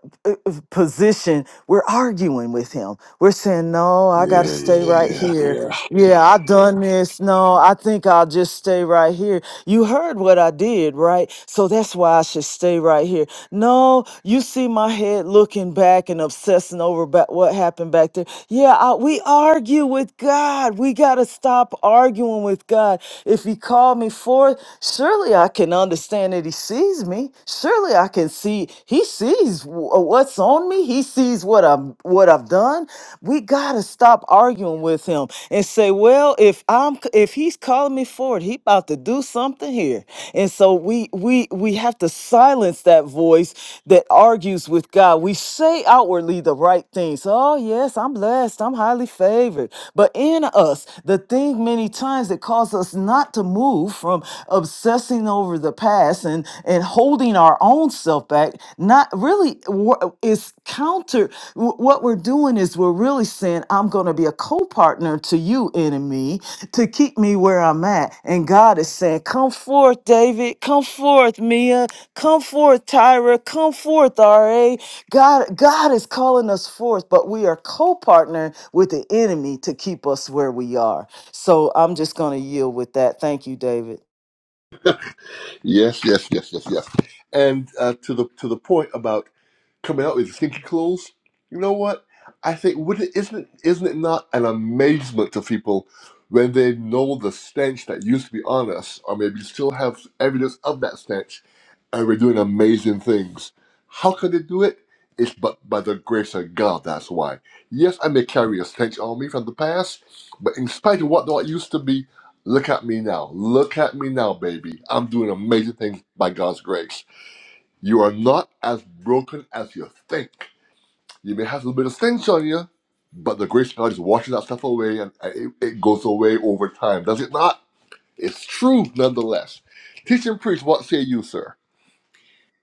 position, we're arguing with him. We're saying, no, I got to
Yeah,
stay
yeah,
right
yeah,
here.
yeah.
Yeah, I done this. No, I think I'll just stay right here. You heard what I did, right? So that's why I should stay right here. No, you see my head looking back and obsessing over back what happened back there. Yeah, I, we argue with God. We got to stop arguing with God. If He called me forth, surely I can understand that He sees me. Surely I can see He sees wh- what's on me. He sees what I'm what what I've done, we got to stop arguing with him and say, well, if I'm if he's calling me forward, he about to do something here. And so we we we have to silence that voice that argues with God. We say outwardly the right things. Oh, yes, I'm blessed. I'm highly favored. But in us, the thing many times that causes us not to move from obsessing over the past and and holding our own self back, not really wor- is counter Wh- what we're doing is we're really saying, I'm going to be a co partner to you, enemy, to keep me where I'm at. And God is saying, Come forth, David. Come forth, Mia. Come forth, Tyra. Come forth, RA. God, God is calling us forth, but we are co partner with the enemy to keep us where we are. So I'm just going to yield with that. Thank you, David.
Yes, yes, yes, yes, yes. And uh, to the to the point about coming out with stinky clothes, you know what? I think wouldn't isn't it, isn't it not an amazement to people when they know the stench that used to be on us, or maybe still have evidence of that stench, and we're doing amazing things. How could they do it? It's but by the grace of God. That's why. Yes, I may carry a stench on me from the past, but in spite of what what used to be, Look at me now. Look at me now, baby. I'm doing amazing things by God's grace. You are not as broken as you think. You may have a little bit of stench on you, but the grace of God is washing that stuff away and and it, it goes away over time. Does it not? It's true nonetheless. Teach and preach, what say you, sir?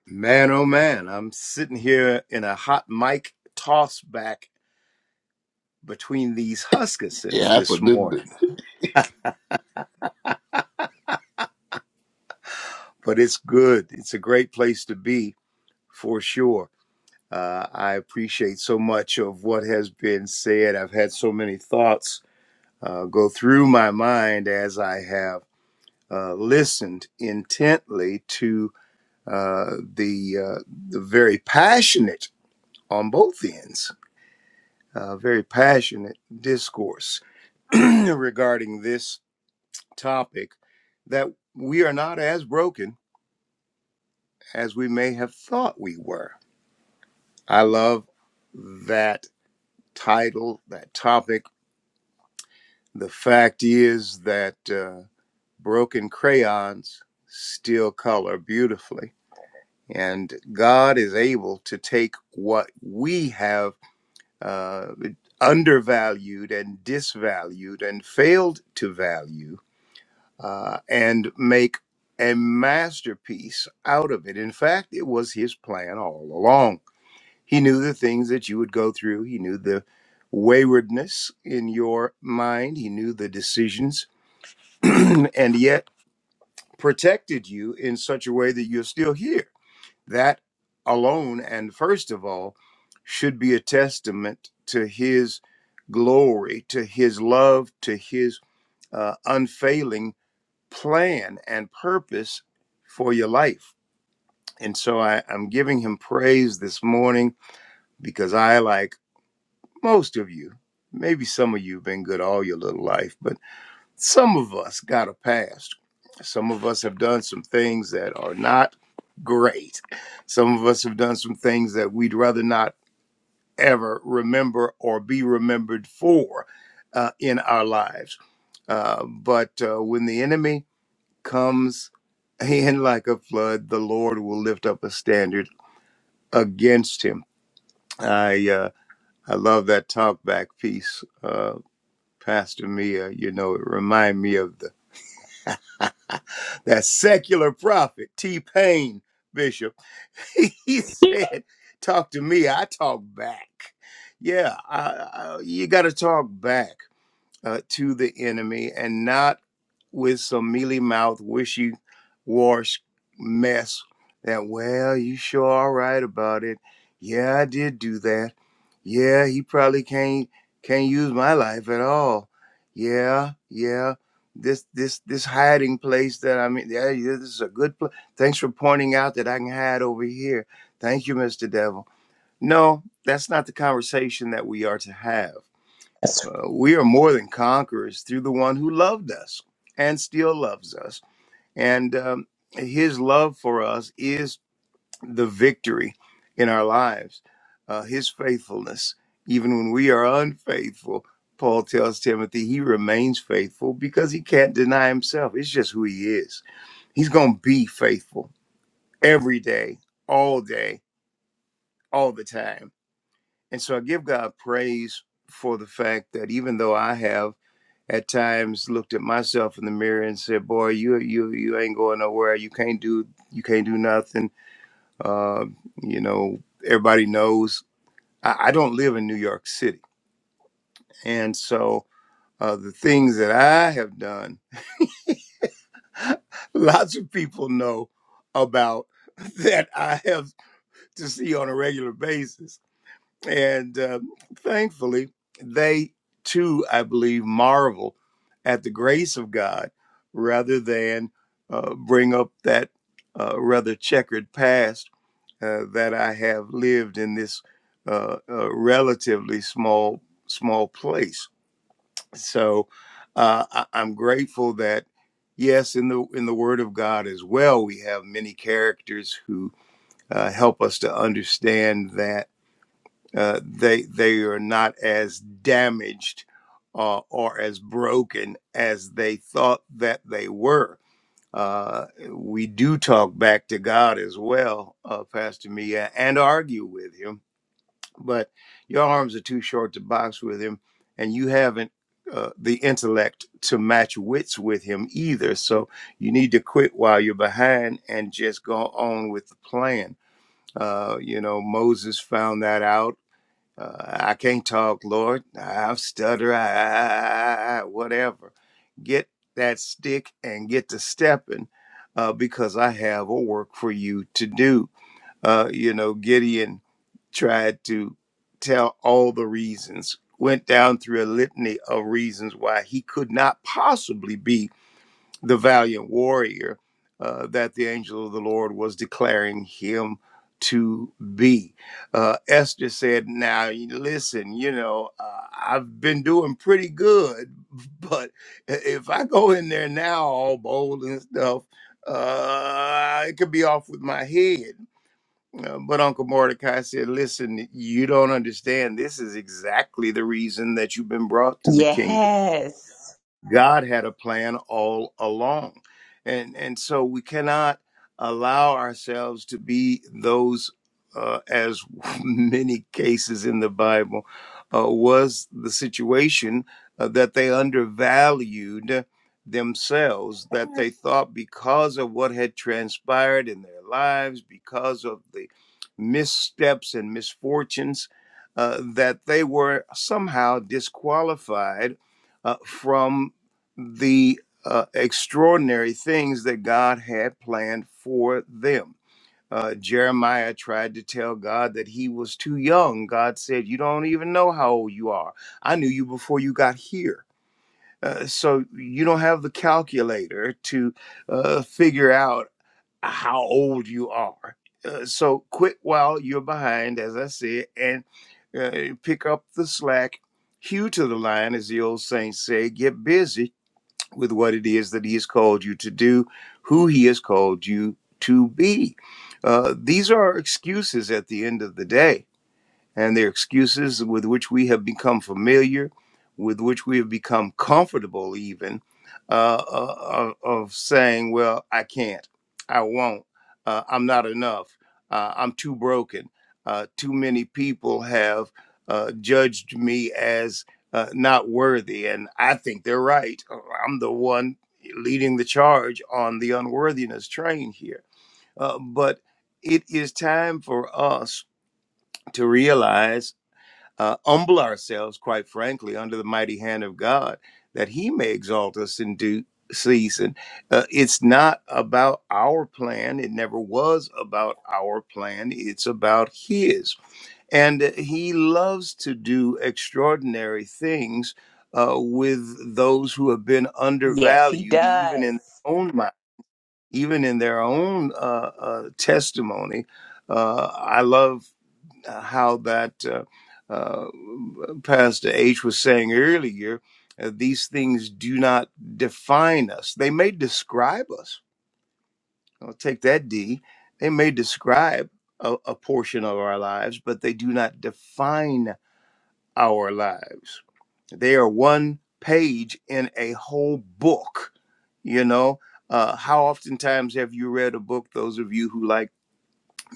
Man, oh man, I'm sitting here in a hot mic toss back between these
It
Huskissons this
happened, didn't
morning,
it?
but it's good. It's a great place to be for sure. Uh, I appreciate so much of what has been said. I've had so many thoughts uh, go through my mind as I have uh, listened intently to uh, the uh, the very passionate on both ends, uh, very passionate discourse regarding this topic that we are not as broken as we may have thought we were. I love that title, that topic. The fact is that uh, broken crayons still color beautifully. And God is able to take what we have uh, undervalued and disvalued and failed to value uh, and make a masterpiece out of it. In fact, it was his plan all along. He knew the things that you would go through, he knew the waywardness in your mind, he knew the decisions, and yet protected you in such a way that you're still here. That alone, and first of all, should be a testament to his glory, to his love, to his uh, unfailing plan and purpose for your life. And so I, I'm giving him praise this morning because I, like most of you, maybe some of you have been good all your little life, but some of us got a past. Some of us have done some things that are not great. Some of us have done some things that we'd rather not ever remember or be remembered for uh, in our lives. Uh, but uh, when the enemy comes in like a flood, the Lord will lift up a standard against him. I uh, I love that talk back piece, uh, Pastor Mia. You know, it remind me of the that secular prophet T Pain Bishop. he said, "Talk to me. I talk back." Yeah, I, I, you got to talk back. uh, to the enemy and not with some mealy mouth, wishy wash mess that, well, you sure are right about it. Yeah, I did do that. Yeah, he probably can't can't use my life at all. Yeah, yeah. This this this hiding place that I'm in, yeah, yeah, this is a good place. Thanks for pointing out that I can hide over here. Thank you, Mr. Devil. No, that's not the conversation that we are to have
That's- right.
uh, we are more than conquerors through the one who loved us and still loves us. And um, his love for us is the victory in our lives, uh, his faithfulness. Even when we are unfaithful, Paul tells Timothy he remains faithful because he can't deny himself. It's just who he is. He's going to be faithful every day, all day, all the time. And so I give God praise for the fact that even though I have at times looked at myself in the mirror and said, "Boy, you you you ain't going nowhere. You can't do you can't do nothing." Uh, you know, everybody knows I, I don't live in New York City, and so uh, the things that I have done, lots of people know about that I have to see on a regular basis. And uh, thankfully, they too, I believe, marvel at the grace of God rather than uh, bring up that uh, rather checkered past uh, that I have lived in this uh, uh, relatively small, small place. So uh, I- I'm grateful that. Yes, in the in the Word of God as well, we have many characters who uh, help us to understand that uh, they they are not as damaged uh, or as broken as they thought that they were. Uh, we do talk back to God as well, uh, Pastor Mia, and argue with Him, but your arms are too short to box with Him, and you haven't. Uh, the intellect to match wits with him either. So you need to quit while you're behind and just go on with the plan. Uh, you know, Moses found that out uh, I can't talk, Lord. I'll stutter, I, I- I- whatever. Get that stick and get to stepping uh, because I have a work for you to do. Uh, you know, Gideon tried to tell all the reasons, went down through a litany of reasons why he could not possibly be the valiant warrior uh, that the angel of the Lord was declaring him to be. Uh, Esther said, Now, listen, you know, uh, I've been doing pretty good, but if I go in there now all bold and stuff, uh, it could be off with my head. Uh, but Uncle Mordecai said, Listen, you don't understand. This is exactly the reason that you've been brought to the kingdom
Yes.
God had a plan all along. And, and so we cannot allow ourselves to be those, uh, as many cases in the Bible uh, was the situation, uh, that they undervalued themselves, that they thought because of what had transpired in their lives, because of the missteps and misfortunes, uh, that they were somehow disqualified uh, from the uh, extraordinary things that God had planned for them. Uh, Jeremiah tried to tell God that he was too young. God said, You don't even know how old you are. I knew you before you got here. Uh, so you don't have the calculator to uh, figure out how old you are. Uh, so quit while you're behind, as I said, and uh, pick up the slack. Hew to the line, as the old saints say, get busy with what it is that he has called you to do, who he has called you to be. Uh, these are excuses at the end of the day and their excuses with which we have become familiar, with which we have become comfortable, even uh, of, of saying, "Well, I can't, I won't, uh, I'm not enough, uh, I'm too broken." Uh, too many people have uh, judged me as uh, not worthy, and I think they're right. Uh, I'm the one leading the charge on the unworthiness train here, uh, but. It is time for us to realize uh, humble ourselves, quite frankly, under the mighty hand of God, that He may exalt us in due season. Uh, it's not about our plan. It never was about our plan. It's about His. And uh, He loves to do extraordinary things uh, with those who have been
Yes, he
undervalued, even in
does.
their own mind, even in their own uh, uh, testimony. Uh, I love uh, how that uh, uh, Pastor H was saying earlier, uh, these things do not define us. They may describe us. I'll take that D. They may describe a, a portion of our lives, but they do not define our lives. They are one page in a whole book. You know, uh, how oftentimes have you read a book, those of you who like?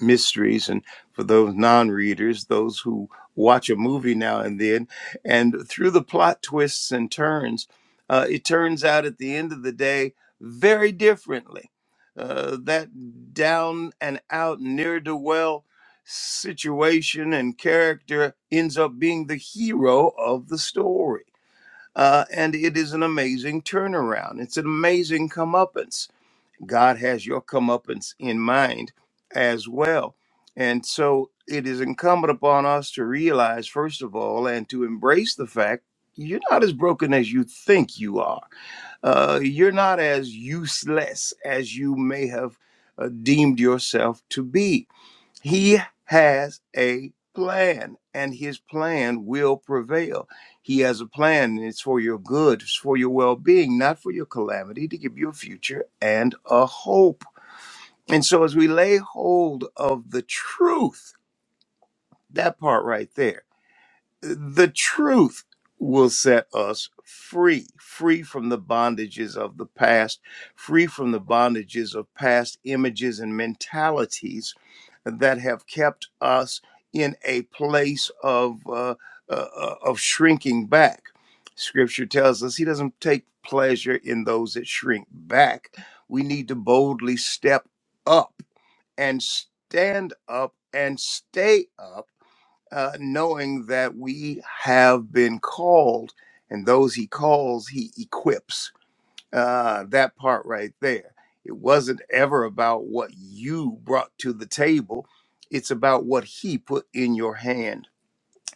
mysteries and for those non-readers those who watch a movie now and then and through the plot twists and turns uh, it turns out at the end of the day very differently uh, that down and out near to well situation and character ends up being the hero of the story uh, and it is an amazing turnaround it's an amazing comeuppance God has your comeuppance in mind as well. And so it is incumbent upon us to realize, first of all, and to embrace the fact you're not as broken as you think you are. Uh, you're not as useless as you may have uh, deemed yourself to be he has a plan, and his plan will prevail. He has a plan, and it's for your good, it's for your well being, not for your calamity, to give you a future and a hope. And so, as we lay hold of the truth, that part right there, the truth will set us free, free from the bondages of the past, free from the bondages of past images and mentalities that have kept us in a place of uh, uh, uh, of shrinking back. Scripture tells us He doesn't take pleasure in those that shrink back. We need to boldly step up and stand up and stay up, uh, knowing that we have been called, and those He calls, He equips uh, that part right there. It wasn't ever about what you brought to the table, it's about what He put in your hand.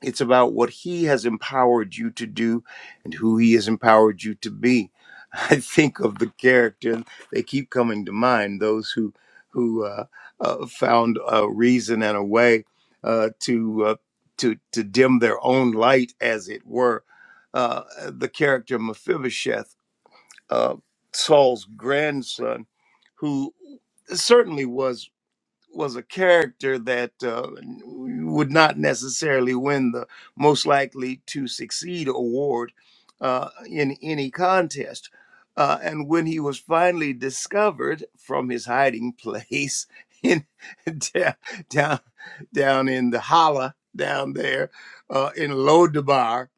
It's about what He has empowered you to do and who He has empowered you to be. I think of the character, they keep coming to mind those who, who uh, uh, found a reason and a way uh, to, uh, to, to dim their own light, as it were. Uh, the character Mephibosheth uh, Saul's grandson, who certainly was was a character that uh, would not necessarily win the most likely to succeed award uh, in any contest. Uh, and when he was finally discovered from his hiding place in down down, down in the holla down there uh, in Lodabar,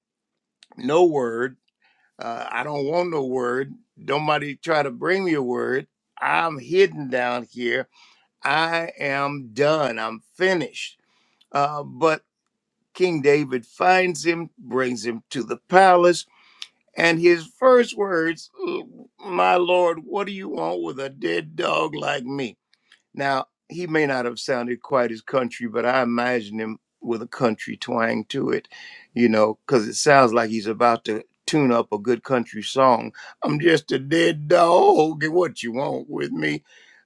no word uh, I don't want no word. Nobody try to bring me a word. I'm hidden down here. I am done. I'm finished. Uh, but King David finds him, brings him to the palace, and his first words, "Oh, My Lord, what do you want with a dead dog like me? Now, he may not have sounded quite as country, but I imagine him with a country twang to it, you know, because it sounds like he's about to tune up a good country song. I'm just a dead dog, and what you want with me?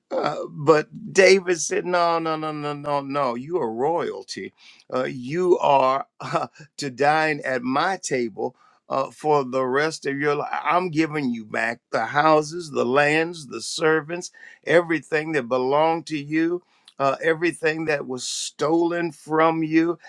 Uh, but David said, No, no, no, no, no, no. You are royalty. Uh, you are to dine at my table uh, for the rest of your life. I'm giving you back the houses, the lands, the servants, everything that belonged to you. Uh, everything that was stolen from you,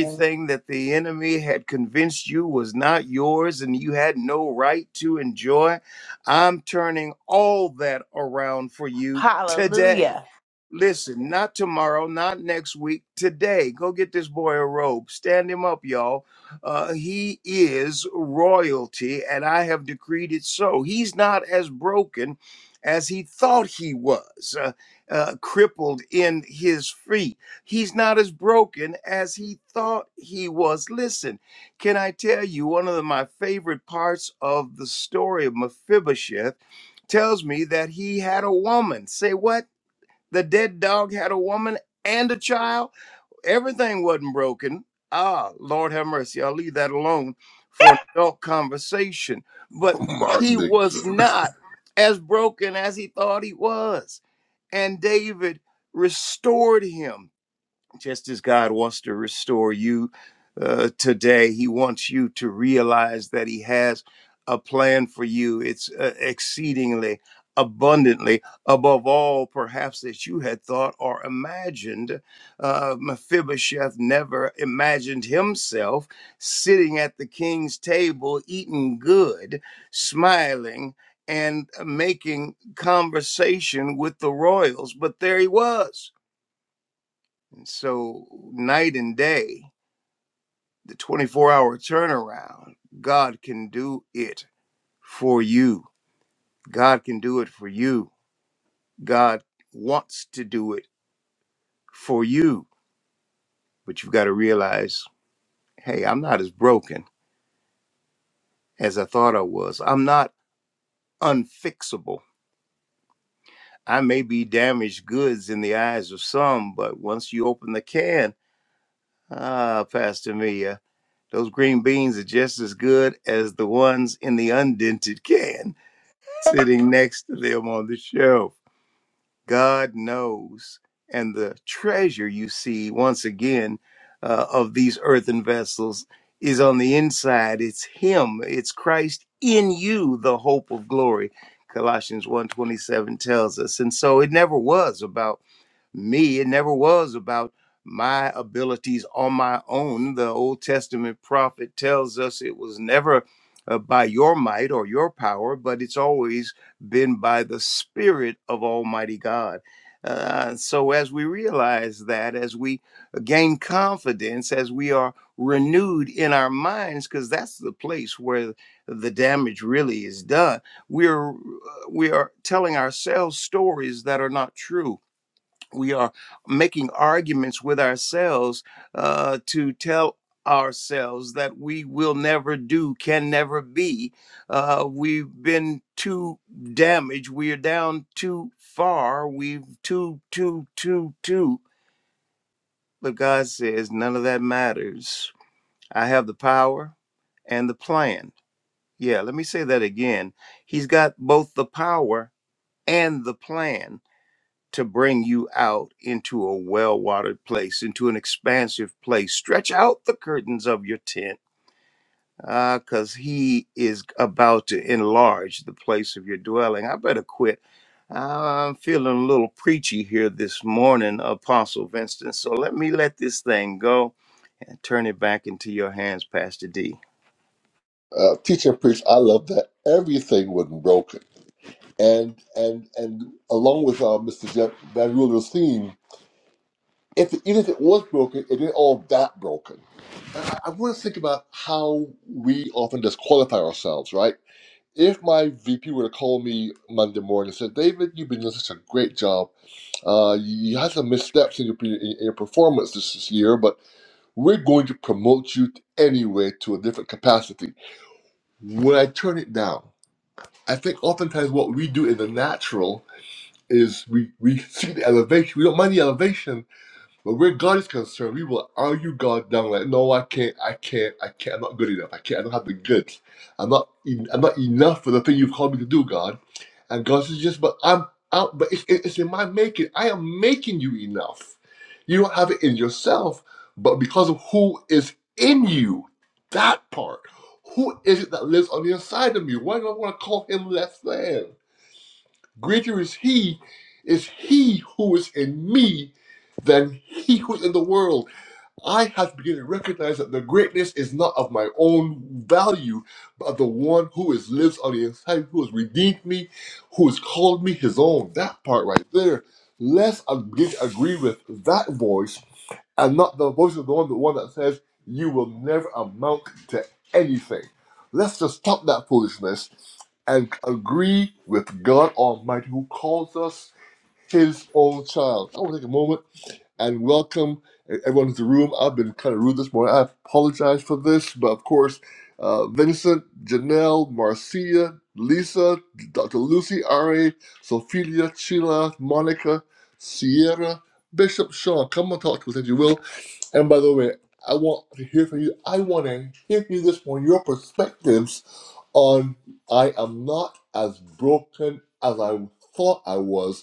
And
that the enemy had convinced you was not yours and you had no right to enjoy, I'm turning all that around for you today.
hallelujah.
Listen, not tomorrow, not next week, today. Go get this boy a robe. Stand him up, y'all. Uh, he is royalty, and I have decreed it so. He's not as broken as he thought he was, uh, uh, crippled in his feet. He's not as broken as he thought he was. Listen, can I tell you one of the- my favorite parts of the story of Mephibosheth? tells me that he had a woman. Say what? The dead dog had a woman and a child. Everything wasn't broken. Ah, Lord have mercy. I'll leave that alone for an adult conversation. But
Mark
he was
Dixon.
not as broken as he thought he was. And David restored him just as God wants to restore you uh, today, He wants you to realize that He has a plan for you. It's uh, exceedingly abundantly above all perhaps that you had thought or imagined uh, mephibosheth never imagined himself sitting at the king's table eating good smiling and uh, making conversation with the royals but there he was so night and day, the 24 hour turnaround, God can do it for you. God can do it for you. God wants to do it for you. But you've got to realize, hey, I'm not as broken as I thought I was. I'm not unfixable. I may be damaged goods in the eyes of some, but once you open the can, ah, Pastor Mia, those green beans are just as good as the ones in the undented can sitting next to them on the shelf. God knows. And the treasure you see, once again, uh, of these earthen vessels is on the inside. It's Him, it's Christ in you, the hope of glory. Colossians one twenty seven tells us. And so it never was about me. It never was about my abilities on my own. The Old Testament prophet tells us it was never uh, by your might or your power, but it's always been by the Spirit of Almighty God. Uh, so, as we realize that, as we gain confidence, as we are renewed in our minds, because that's the place where the damage really is done, we're we are telling ourselves stories that are not true we are making arguments with ourselves uh, to tell ourselves that we will never do, can never be. Uh, we've been too damaged. We are down too far. We've too, too, too, too. But God says none of that matters. I have the power and the plan. Yeah, let me say that again. He's got both the power and the plan to bring you out into a well watered place, into an expansive place. Stretch out the curtains of your tent because He is about to enlarge the place of your dwelling. I better quit. I'm feeling a little preachy here this morning, Apostle Vincent. So let me let this thing go and turn it back into your hands, Pastor D.
Uh, teach and preach, I love that everything wasn't broken. And and and along with uh, Mr. Jeff Van Ruler's theme, if even if it was broken, it isn't all that broken. And I, I want to think about how we often disqualify ourselves, right? If my VP were to call me Monday morning and said, "David, you've been doing such a great job. Uh, you, you had some missteps in your, in, your performance this, this year, but we're going to promote you anyway to a different capacity." When I turn it down, I think oftentimes what we do in the natural is we we see the elevation. We don't mind the elevation, But where God is concerned, we will argue God down like, no, I can't, I can't, I can't, I'm not good enough. I can't, I don't have the goods. I'm not, en- I'm not enough for the thing you've called me to do, God. And God says, yes, but I'm out, but it's, it's in my making. I am making you enough. You don't have it in yourself, but because of who is in you, that part. Who is it that lives on the inside of me? Why do I want to call him less than? Greater is he, is he who is in me than he who is in the world. I have to begin to recognize that the greatness is not of my own value, but of the one who is lives on the inside, who has redeemed me, who has called me his own. That part right there. Let's begin to agree with that voice and not the voice of the one, the one that says, You will never amount to anything. Let's just stop that foolishness and agree with God Almighty who calls us his own child. I want to take a moment and welcome e-, everyone to the room. I've been kind of rude this morning. I apologize for this, but of course, uh, Vincent, Janelle, Marcia, Lisa, Dr. Lucy, Ari, Sophia, Sheila, Monica, Sierra, Bishop Sean, come and talk to us if you will. And by the way, I want to hear from you. I want to hear from you this morning, your perspectives on I am not as broken as I thought I was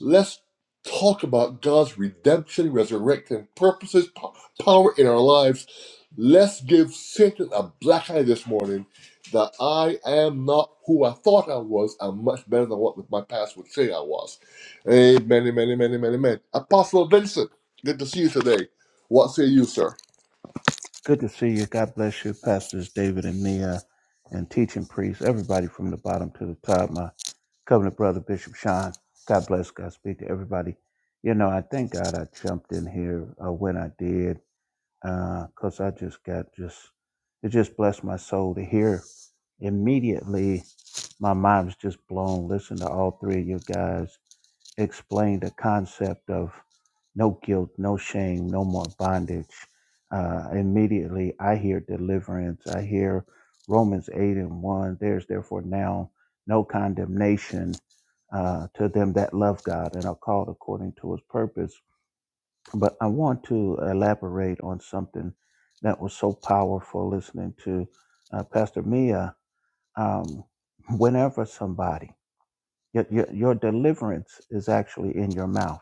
Let's talk about God's redemption, resurrection, purposes, po- power in our lives. Let's give Satan a black eye this morning that I am not who I thought I was. I'm much better than what my past would say I was. Amen, amen, amen, amen, amen. Apostle Vincent, good to see you today. What say you, sir?
Good to see you. God bless you, Pastors David and Mia, and teaching priests, everybody from the bottom to the top. My covenant brother, Bishop Sean. God bless, God speak to everybody. You know, I thank God I jumped in here uh, when I did, because I just got just, it just blessed my soul to hear immediately. My mind was just blown. Listen to all three of you guys explain the concept of no guilt, no shame, no more bondage. Uh, immediately, I hear deliverance. I hear Romans 8 and 1. There's therefore now no condemnation uh, to them that love God and are called according to his purpose. But I want to elaborate on something that was so powerful listening to uh, Pastor Mia. Um, whenever somebody your, your, your deliverance is actually in your mouth.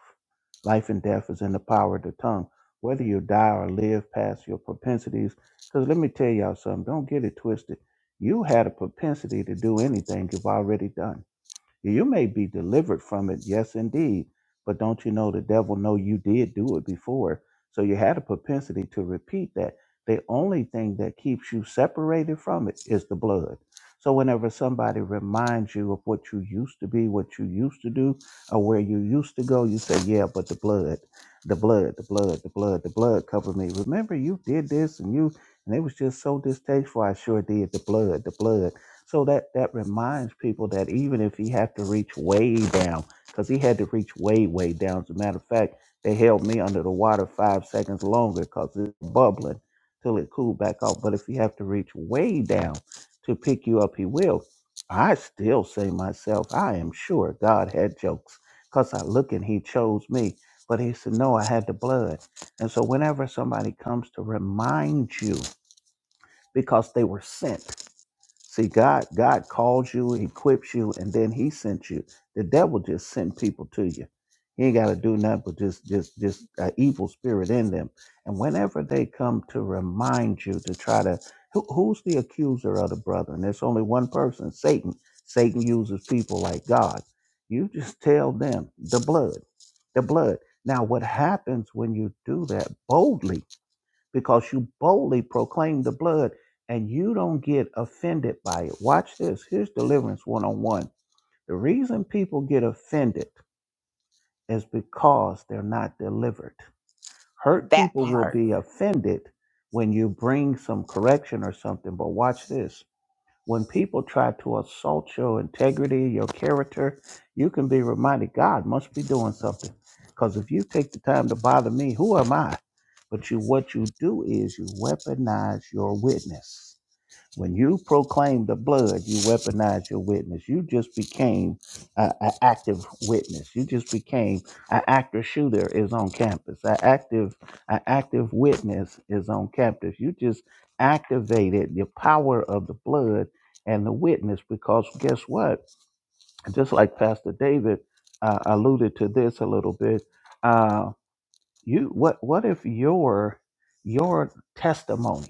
Life and death is in the power of the tongue. Whether you die or live past your propensities, because let me tell y'all something, don't get it twisted. You had a propensity to do anything you've already done. Yeah, You may be delivered from it, yes, indeed. But don't you know the devil know you did do it before? So you had a propensity to repeat that. The only thing that keeps you separated from it is the blood. So whenever somebody reminds you of what you used to be, what you used to do, or where you used to go, you say, "Yeah, but the blood, the blood, the blood, the blood, the blood covered me." Remember, you did this, and you, and it was just so distasteful. I sure did the blood, the blood. So that that reminds people that even if he had to reach way down, because he had to reach way way down. As a matter of fact, they held me under the water five seconds longer because it's bubbling till it cooled back off. But if he have to reach way down to pick you up, he will. I still say myself, I am sure God had jokes because I look and he chose me. But he said, no, I had the blood. And so whenever somebody comes to remind you because they were sent. See, God, God calls you, equips you, and then He sent you. The devil just sent people to you. He ain't got to do nothing but just, just, just an evil spirit in them. And whenever they come to remind you to try to, who, who's the accuser of the brother? And there's only one person, Satan. Satan uses people like God. You just tell them the blood, the blood. Now, what happens when you do that boldly? because you boldly proclaim the blood and you don't get offended by it. Watch this. Here's deliverance one on one. The reason people get offended is because they're not delivered. Hurt
That
people will
part.
be offended when you bring some correction or something, but watch this. When people try to assault your integrity, your character, you can be reminded God must be doing something. Because if you take the time to bother me, who am I? But you, what you do is you weaponize your witness when you proclaim the blood, you weaponize your witness. You just became an active witness. You just became an active shooter is on campus. An active, an active witness is on campus. You just activated the power of the blood and the witness because guess what? Just like Pastor David uh, alluded to this a little bit, uh, you what what if your your testimony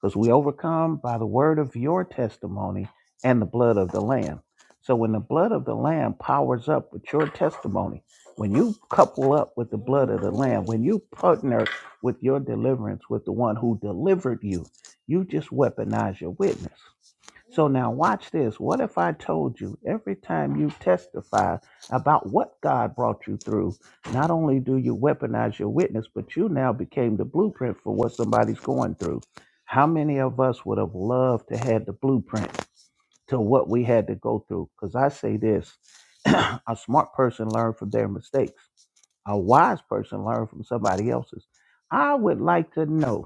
because we overcome by the word of your testimony and the blood of the Lamb. So when the blood of the Lamb powers up with your testimony, when you couple up with the blood of the Lamb, when you partner with your deliverance with the one who delivered you, you just weaponize your witness. So now watch this. What if I told you every time you testify about what God brought you through, not only do you weaponize your witness, but you now became the blueprint for what somebody's going through. How many of us would have loved to had the blueprint to what we had to go through? Because I say this, a smart person learns from their mistakes. A wise person learns from somebody else's. I would like to know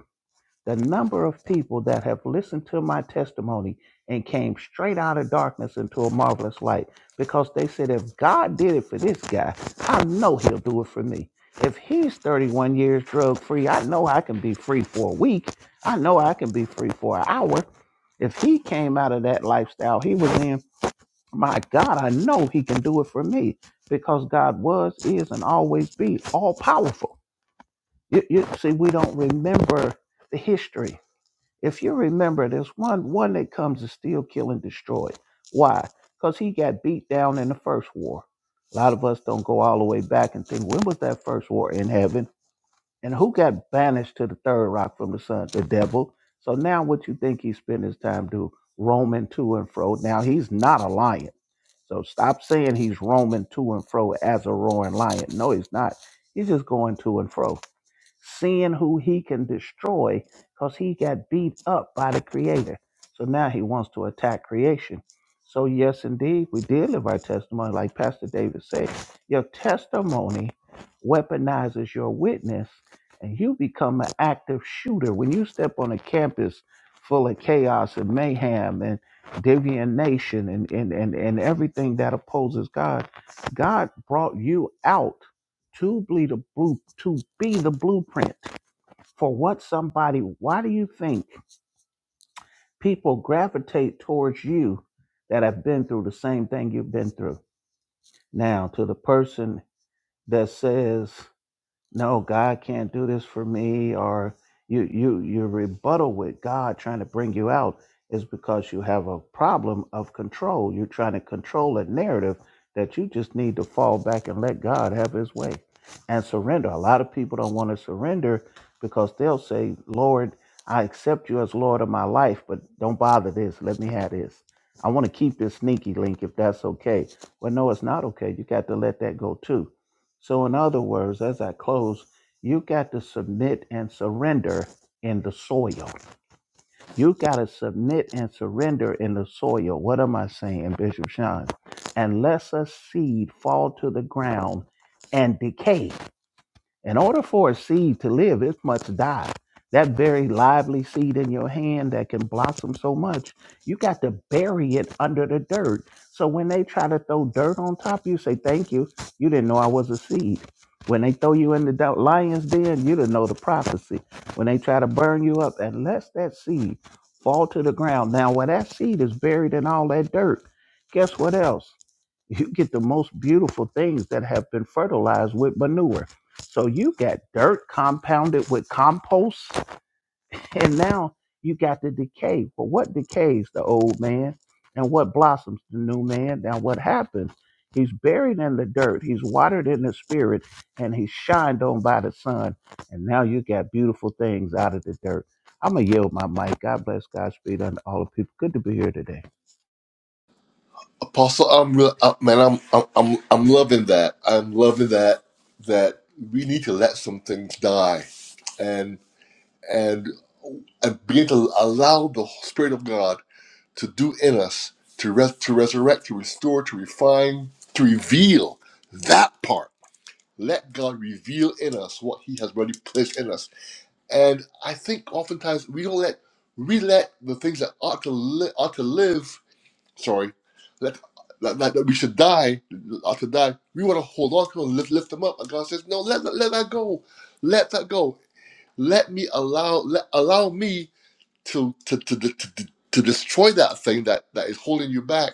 the number of people that have listened to my testimony and came straight out of darkness into a marvelous light because they said, if God did it for this guy, I know he'll do it for me. If he's 31 years drug free, I know I can be free for a week. I know I can be free for an hour. If he came out of that lifestyle he was in, my God, I know he can do it for me because God was, is, and always be all powerful. You, you see, we don't remember the history if you remember, there's one one that comes to steal, kill, and destroy. Why? Because he got beat down in the first war. A lot of us don't go all the way back and think, when was that first war in heaven? And who got banished to the third rock from the sun? The devil. So now what you think he spent his time doing, Roaming to and fro. Now he's not a lion. So stop saying he's roaming to and fro as a roaring lion. No, he's not. He's just going to and fro seeing who he can destroy because he got beat up by the creator. So now he wants to attack creation. So, yes, indeed, we did live our testimony. Like Pastor David said, your testimony weaponizes your witness and you become an active shooter. When you step on a campus full of chaos and mayhem and deviation and, and, and, and everything that opposes God, God brought you out to be the blue to be the blueprint for what somebody why do you think people gravitate towards you that have been through the same thing you've been through now to the person that says no god can't do this for me or you you your rebuttal with god trying to bring you out is because you have a problem of control you're trying to control a narrative that you just need to fall back and let god have his way and surrender a lot of people don't want to surrender because they'll say lord i accept you as lord of my life but don't bother this let me have this i want to keep this sneaky link if that's okay well no it's not okay you got to let that go too so, in other words, as I close, you got to submit and surrender in the soil. You got to submit and surrender in the soil. What am I saying, Bishop Sean? And Unless a seed fall to the ground and decay in order for a seed to live, it must die. That very lively seed in your hand that can blossom so much, you got to bury it under the dirt. So when they try to throw dirt on top of you, say, Thank you. You didn't know I was a seed. When they throw you in the do- lion's den, you didn't know the prophecy. When they try to burn you up, unless that seed fall to the ground. Now, where that seed is buried in all that dirt, guess what else? You get the most beautiful things that have been fertilized with manure so you got dirt compounded with compost, and now you got the decay. But what decays the old man, and what blossoms the new man? Now what happens? He's buried in the dirt. He's watered in the spirit, and he's shined on by the sun. And now you got beautiful things out of the dirt. I'm gonna yield my mic. God bless Godspeed and all the people. Good to be here today.
Apostle, I'm re- uh, man, I'm, I'm I'm I'm loving that. I'm loving that that we need to let some things die, and and and begin to allow the Spirit of God to do in us, to, res- to resurrect, to restore, to refine, to reveal that part. Let God reveal in us what He has already placed in us. And I think oftentimes we don't let we let the things that ought to li- ought to live. Sorry, that, that, that we should die ought to die. We want to hold on to them, lift, lift them up, and God says, "No, let, let let that go. Let that go. Let me allow let allow me." to to to to, to, to destroy that thing that that is holding you back,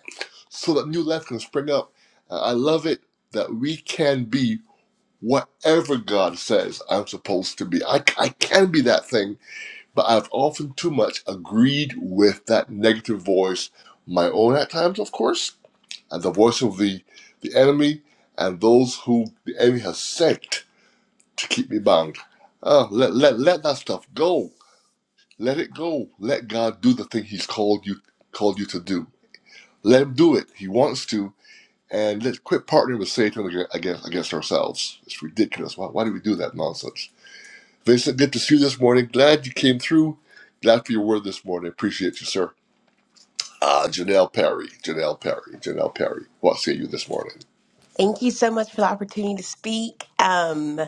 so that new life can spring up. Uh, I love it that we can be whatever God says I'm supposed to be. I I can be that thing, but I've often too much agreed with that negative voice, my own at times, of course, and the voice of the the enemy and those who the enemy has sent to keep me bound. Uh, let, let, let that stuff go let it go. Let God do the thing He's called you called you to do. Let Him do it. He wants to, and let's quit partnering with Satan against against ourselves. It's ridiculous. Why, why do we do that nonsense? Vincent, good to see you this morning. Glad you came through. Glad for your word this morning. Appreciate you, sir. Ah, Janelle Perry. Janelle Perry. Janelle Perry. What say you this morning?
Thank you so much for the opportunity to speak. Um,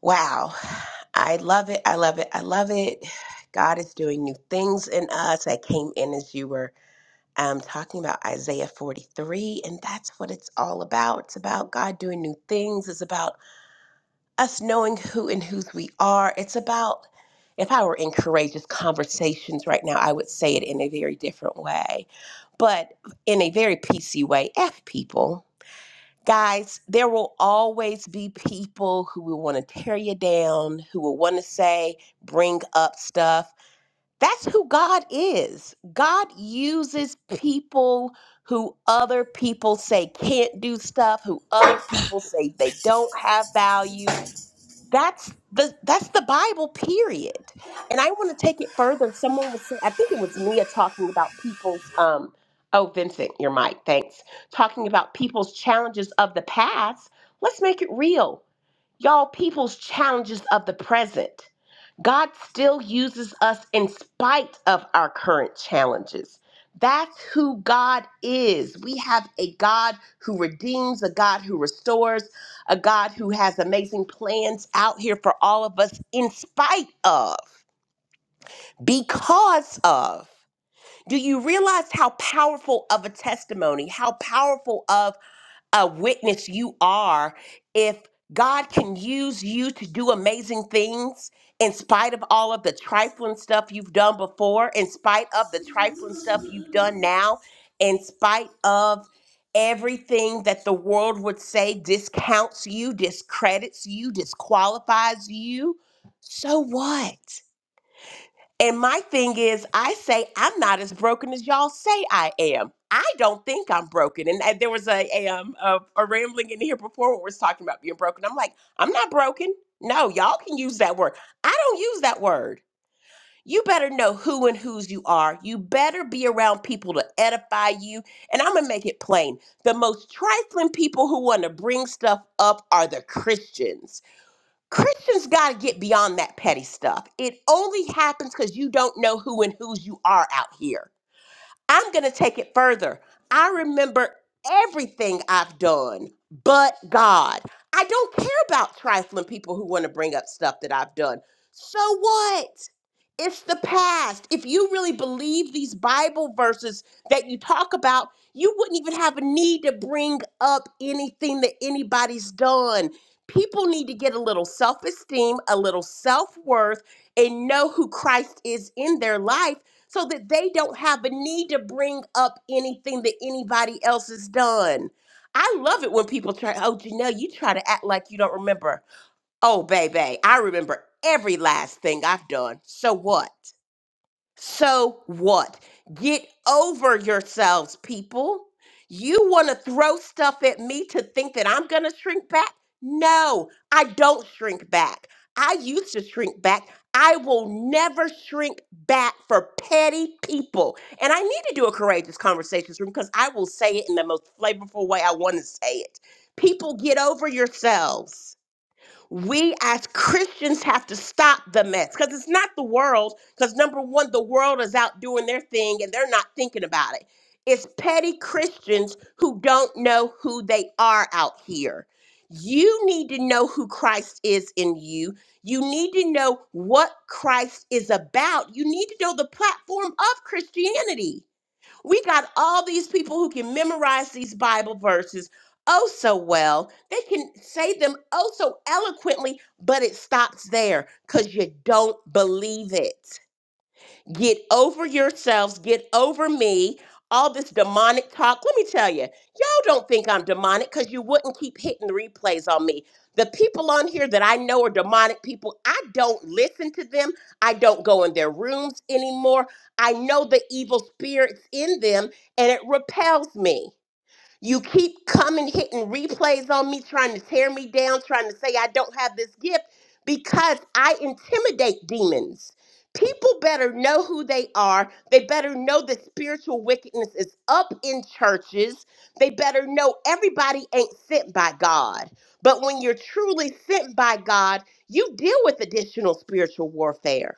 wow. I love it. I love it. I love it. God is doing new things in us. I came in as you were um, talking about Isaiah 43, and that's what it's all about. It's about God doing new things. It's about us knowing who and whose we are. It's about, if I were in courageous conversations right now, I would say it in a very different way, but in a very PC way. F people. Guys, there will always be people who will want to tear you down, who will want to say, bring up stuff. That's who God is. God uses people who other people say can't do stuff, who other people say they don't have value, that's the that's the Bible period. And I want to take it further. Someone was say I think it was Mia talking about people's um oh Vincent, your mic, thanks. Talking about people's challenges of the past. Let's make it real. Y'all people's challenges of the present. God still uses us in spite of our current challenges. That's who God is. We have a God who redeems, a God who restores, a God who has amazing plans out here for all of us in spite of, because of. Do you realize how powerful of a testimony, how powerful of a witness you are if God can use you to do amazing things in spite of all of the trifling stuff you've done before, in spite of the trifling stuff you've done now, in spite of everything that the world would say discounts you, discredits you, disqualifies you. So what? And my thing is, I say I'm not as broken as y'all say I am. I don't think I'm broken. And uh, there was a a, um, a, a rambling in here before where we was talking about being broken. I'm like, I'm not broken. No, y'all can use that word. I don't use that word. You better know who and whose you are. You better be around people to edify you. And I'm going to make it plain. The most trifling people who want to bring stuff up are the Christians Christians got to get beyond that petty stuff. It only happens because you don't know who and whose you are out here. I'm going to take it further. I remember everything I've done but God. I don't care about trifling people who want to bring up stuff that I've done. So what? It's the past. If you really believe these Bible verses that you talk about, you wouldn't even have a need to bring up anything that anybody's done. People need to get a little self esteem, a little self worth, and know who Christ is in their life so that they don't have a need to bring up anything that anybody else has done. I love it when people try, oh, Janelle, you try to act like you don't remember. Oh, baby, I remember every last thing I've done. So what? So what? Get over yourselves, people. You want to throw stuff at me to think that I'm going to shrink back? No, I don't shrink back. I used to shrink back. I will never shrink back for petty people. And I need to do a courageous conversations room because I will say it in the most flavorful way I want to say it. People, get over yourselves we as Christians have to stop the mess because it's not the world. Because number one, the world is out doing their thing and they're not thinking about it. It's petty Christians who don't know who they are out here. You need to know who Christ is in you. You need to know what Christ is about. You need to know the platform of Christianity. We got all these people who can memorize these Bible verses oh so well. They can say them oh so eloquently, but it stops there because you don't believe it. Get over yourselves. Get over me. All this demonic talk. Let me tell you, y'all don't think I'm demonic because you wouldn't keep hitting replays on me. The people on here that I know are demonic people, I don't listen to them. I don't go in their rooms anymore. I know the evil spirits in them and it repels me. You keep coming, hitting replays on me, trying to tear me down, trying to say I don't have this gift because I intimidate demons. People better know who they are. They better know that spiritual wickedness is up in churches. They better know everybody ain't sent by God. But when you're truly sent by God, you deal with additional spiritual warfare.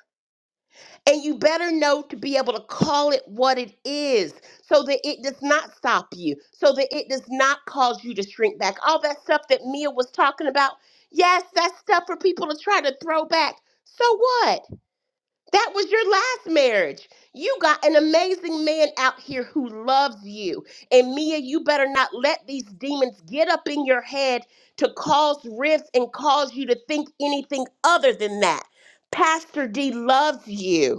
And you better know to be able to call it what it is so that it does not stop you, so that it does not cause you to shrink back. All that stuff that Mia was talking about, yes, that's stuff for people to try to throw back. So what? That was your last marriage. You got an amazing man out here who loves you. And Mia, you better not let these demons get up in your head to cause rifts and cause you to think anything other than that. Pastor D loves you.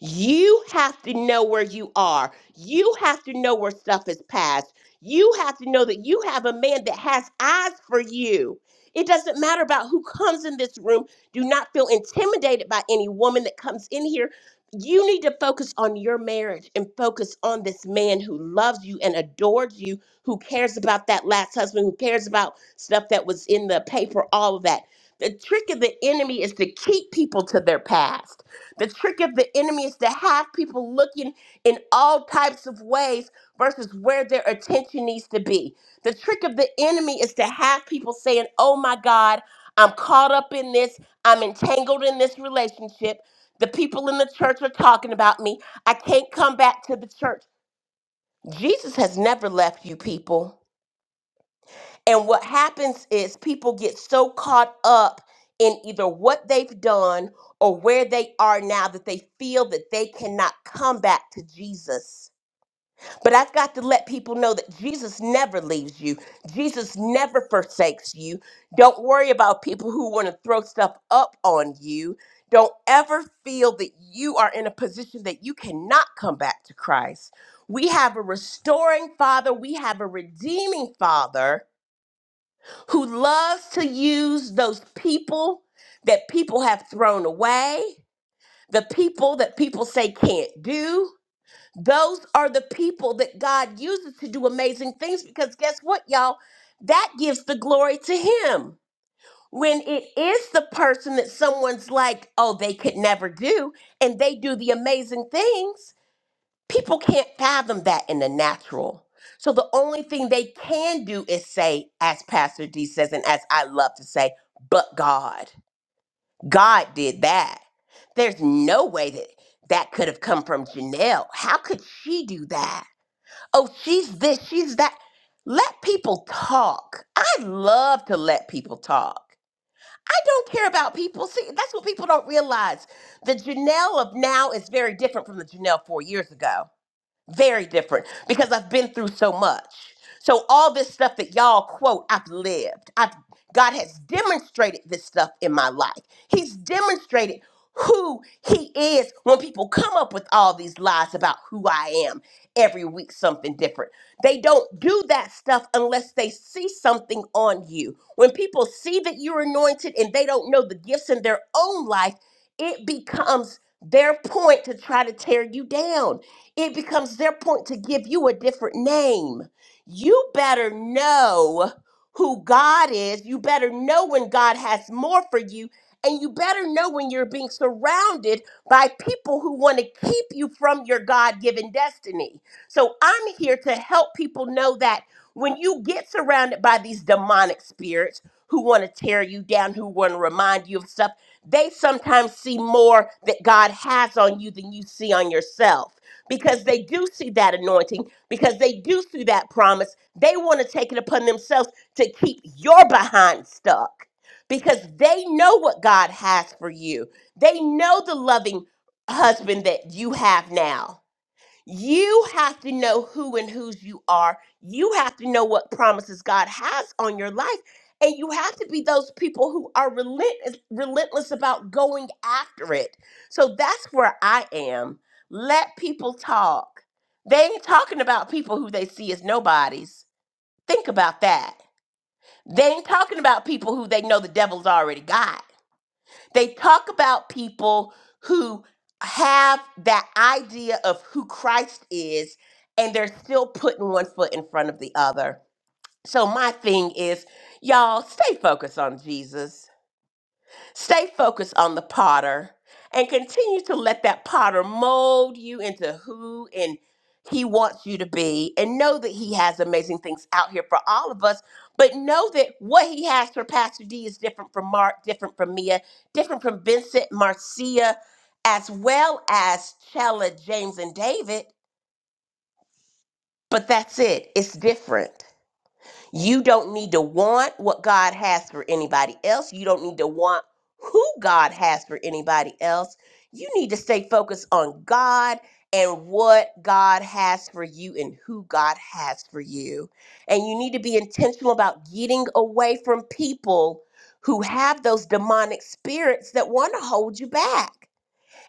You have to know where you are. You have to know where stuff is past. You have to know that you have a man that has eyes for you. It doesn't matter about who comes in this room. Do not feel intimidated by any woman that comes in here. You need to focus on your marriage and focus on this man who loves you and adores you, who cares about that last husband, who cares about stuff that was in the paper, all of that. The trick of the enemy is to keep people to their past. The trick of the enemy is to have people looking in all types of ways versus where their attention needs to be. The trick of the enemy is to have people saying, Oh my God, I'm caught up in this, I'm entangled in this relationship. The people in the church are talking about me. I can't come back to the church. Jesus has never left you, people. And what happens is people get so caught up in either what they've done or where they are now that they feel that they cannot come back to Jesus. But I've got to let people know that Jesus never leaves you. Jesus never forsakes you. Don't worry about people who want to throw stuff up on you. Don't ever feel that you are in a position that you cannot come back to Christ. We have a restoring Father, we have a redeeming Father who loves to use those people that people have thrown away, the people that people say can't do. Those are the people that God uses to do amazing things because guess what, y'all? That gives the glory to Him. When it is the person that someone's like, oh, they could never do, and they do the amazing things, People can't fathom that in the natural. So the only thing they can do is say, as Pastor D says, and as I love to say, but God. God did that. There's no way that that could have come from Janelle. How could she do that? Oh, she's this, she's that. Let people talk. I love to let people talk. I don't care about people. See, that's what people don't realize. The Janelle of now is very different from the Janelle four years ago. Very different because I've been through so much. So all this stuff that y'all quote, I've lived. I've God has demonstrated this stuff in my life. He's demonstrated who he is when people come up with all these lies about who I am every week something different. They don't do that stuff unless they see something on you. When people see that you're anointed and they don't know the gifts in their own life, it becomes their point to try to tear you down it becomes their point to give you a different name. You better know who God is. You better know when God has more for you. And you better know when you're being surrounded by people who want to keep you from your God given destiny. So I'm here to help people know that when you get surrounded by these demonic spirits who want to tear you down, who want to remind you of stuff, they sometimes see more that God has on you than you see on yourself because they do see that anointing, because they do see that promise. They want to take it upon themselves to keep your behind stuck because they know what God has for you. They know the loving husband that you have now you have to know who and whose you are. You have to know what promises God has on your life. And you have to be those people who are relentless, relentless about going after it. So that's where I am. Let people talk. They ain't talking about people who they see as nobodies. Think about that. They ain't talking about people who they know the devil's already got. They talk about people who have that idea of who Christ is, and they're still putting one foot in front of the other. So, my thing is, y'all stay focused on Jesus Stay focused on the potter and continue to let that potter mold you into who and he wants you to be and know that he has amazing things out here for all of us but know that what he has for pastor d is different from mark different from mia different from vincent marcia as well as chella james and david but that's it it's different you don't need to want what God has for anybody else. You don't need to want who God has for anybody else. You need to stay focused on God and what God has for you and who God has for you. And you need to be intentional about getting away from people who have those demonic spirits that want to hold you back.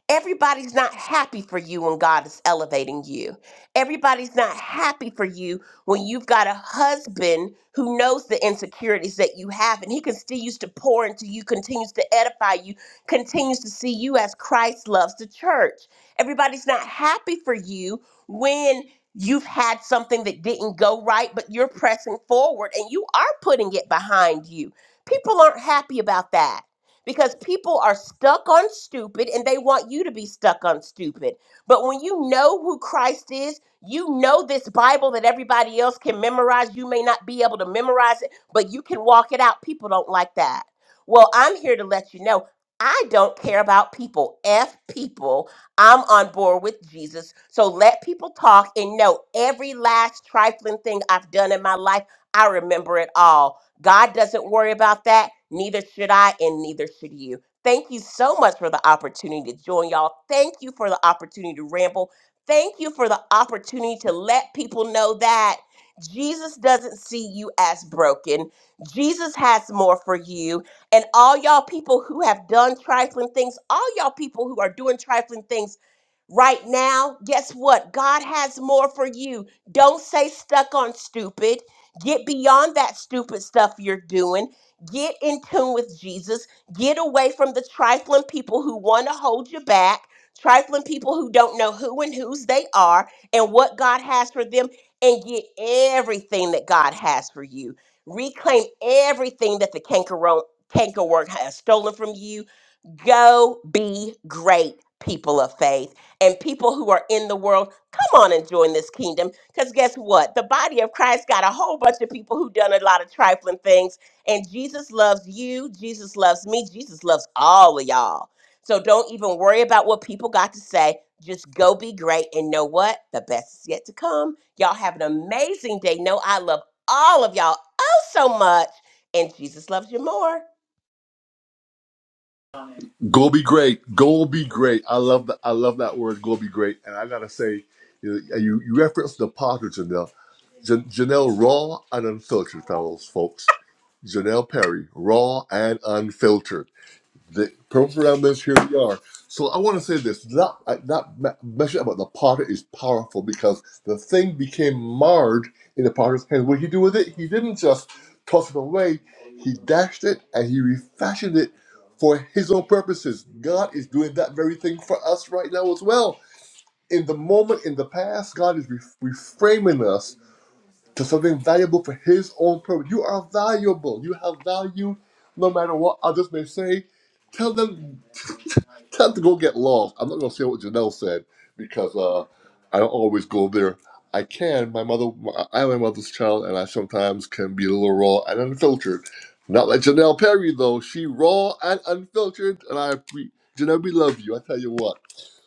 Everybody's not happy for you when God is elevating you. Everybody's not happy for you when you've got a husband who knows the insecurities that you have and he continues to pour into you, continues to edify you, continues to see you as Christ loves the church. Everybody's not happy for you when you've had something that didn't go right, but you're pressing forward and you are putting it behind you. People aren't happy about that because people are stuck on stupid and they want you to be stuck on stupid. But when you know who Christ is, you know this Bible that everybody else can memorize. You may not be able to memorize it, but you can walk it out. People don't like that. Well, I'm here to let you know I don't care about people. F people. I'm on board with Jesus. So let people talk and know every last trifling thing I've done in my life. I remember it all God doesn't worry about that. Neither should I, and neither should you. Thank you so much for the opportunity to join y'all. Thank you for the opportunity to ramble. Thank you for the opportunity to let people know that Jesus doesn't see you as broken. Jesus has more for you. And all y'all people who have done trifling things, all y'all people who are doing trifling things, right now, guess what? God has more for you. Don't say stuck on stupid. Get beyond that stupid stuff you're doing. Get in tune with Jesus. Get away from the trifling people who want to hold you back, trifling people who don't know who and whose they are and what God has for them, and get everything that God has for you. Reclaim everything that the cankerworm, cankerworm has stolen from you Go be great, people of faith, and people who are in the world. Come on and join this kingdom, because guess what? The body of Christ got a whole bunch of people who done a lot of trifling things, and Jesus loves you. Jesus loves me. Jesus loves all of y'all. So don't even worry about what people got to say. Just go be great, and know what? The best is yet to come. Y'all have an amazing day. Know I love all of y'all oh so much, and Jesus loves you more.
Go be great. Go be great. I love that. I love that word. Go be great. And I gotta say, you know, you, you referenced the potter Janelle, Jan- Janelle raw and unfiltered, fellows, folks. Janelle Perry, raw and unfiltered. The purpose around this, here we are. So I want to say this. That, uh, that me- message about the potter is powerful because the thing became marred in the potter's hand. What did he do with it? He didn't just toss it away. He dashed it and he refashioned it for his own purposes. God is doing that very thing for us right now as well. In the moment, in the past, God is re- reframing us to something valuable for his own purpose. You are valuable. You have value no matter what others may say. Tell them Time to go get lost. I'm not gonna say what Janelle said because uh, I don't always go there. I can. My mother, I am my mother's child, and I sometimes can be a little raw and unfiltered. Not like Janelle Perry though. She raw and unfiltered, and I pre- Janelle, we love you. I tell you what.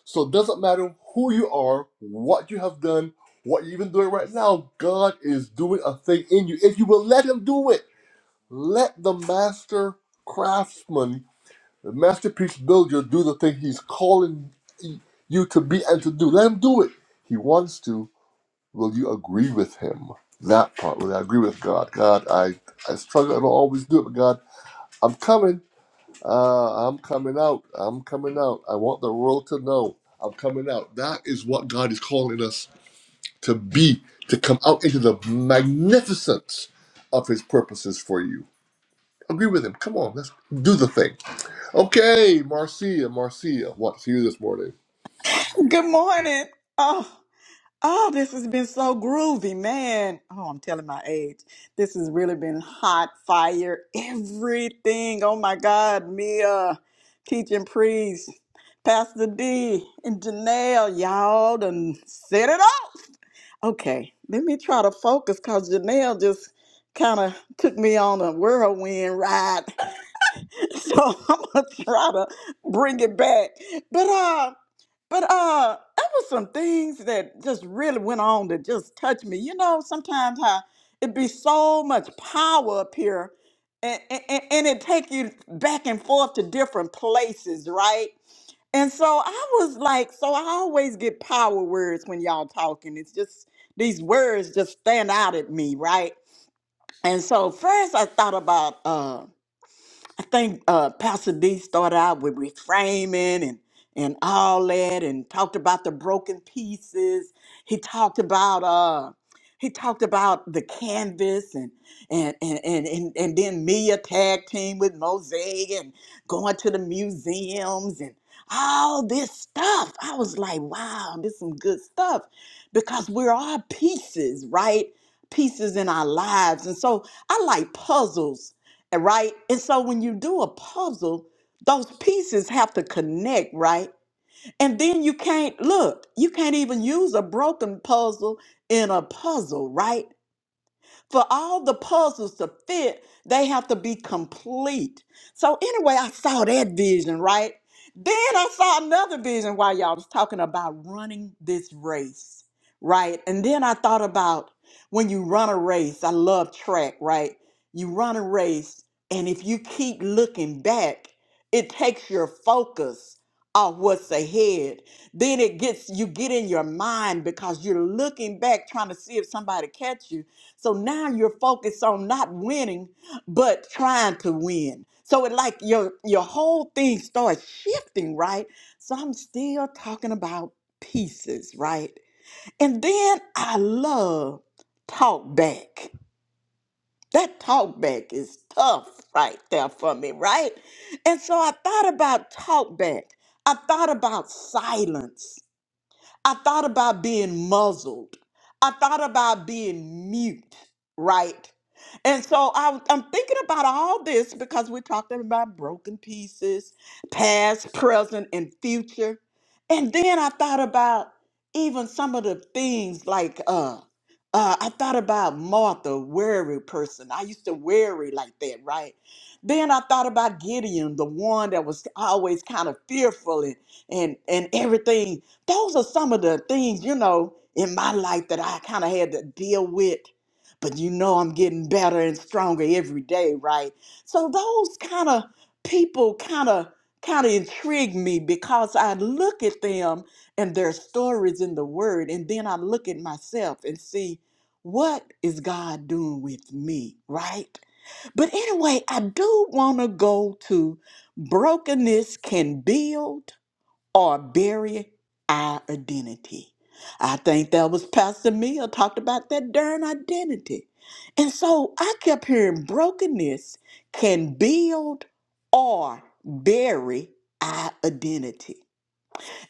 So it doesn't matter who you are, what you have done, what you're even doing right now. God is doing a thing in you if you will let Him do it. Let the master craftsman the masterpiece builder do the thing he's calling you to be and to do. Let him do it. He wants to. Will you agree with him? That part. Will I agree with God? God, I, I struggle. I don't always do it, but God, I'm coming. Uh, I'm coming out. I'm coming out. I want the world to know I'm coming out. That is what God is calling us to be, to come out into the magnificence of his purposes for you. Agree with him. Come on, let's do the thing. Okay, Marcia, Marcia, what to you this morning?
Good morning. Oh, oh, this has been so groovy, man. Oh, I'm telling my age. This has really been hot fire. Everything. Oh my God, Mia, teaching priest, Pastor D, and Janelle, y'all done set it up. Okay, let me try to focus because Janelle just kind of took me on a whirlwind ride. So I'm gonna try to bring it back. But uh but uh, that was some things that just really went on to just touch me. You know, sometimes how it be so much power up here, and, and, and it take you back and forth to different places, right? And so I was like, so I always get power words when y'all talking. It's just these words just stand out at me, right? And so first I thought about uh, I think uh, Pastor D started out with reframing and and all that, and talked about the broken pieces. He talked about uh, he talked about the canvas and and and and and, and then Mia tag team with Mosaic and going to the museums and all this stuff. I was like, wow, this is some good stuff because we're all pieces, right? Pieces in our lives, and so I like puzzles right? And so when you do a puzzle, those pieces have to connect, right? And then you can't look, you can't even use a broken puzzle in a puzzle, right? For all the puzzles to fit, they have to be complete. So anyway, I saw that vision, right? Then I saw another vision while y'all was talking about running this race, right? And then I thought about when you run a race, I love track, right? You run a race, and if you keep looking back, it takes your focus off what's ahead. Then it gets you get in your mind because you're looking back trying to see if somebody catch you so now you're focused on not winning, but trying to win. So it like your your whole thing starts shifting, right? So I'm still talking about pieces, right? And then I love talk back. That talk back is tough right there for me, right? And so I thought about talk back. I thought about silence. I thought about being muzzled. I thought about being mute, right? And so I, am thinking about all this because we're talking about broken pieces, past, present, and future. And then I thought about even some of the things like uh, uh, I thought about Martha, weary person. I used to worry like that, right? Then I thought about Gideon, the one that was always kind of fearful and and and everything those are some of the things you know in my life that i kind of had to deal with but you know i'm getting better and stronger every day right so those kind of people kind of kind of intrigue me because i look at them and their stories in the word and then i look at myself and see what is god doing with me right but anyway i do want to go to brokenness can build or bury our identity. I think that was Pastor Mia talked about that darn identity. And so I kept hearing brokenness can build or bury our identity.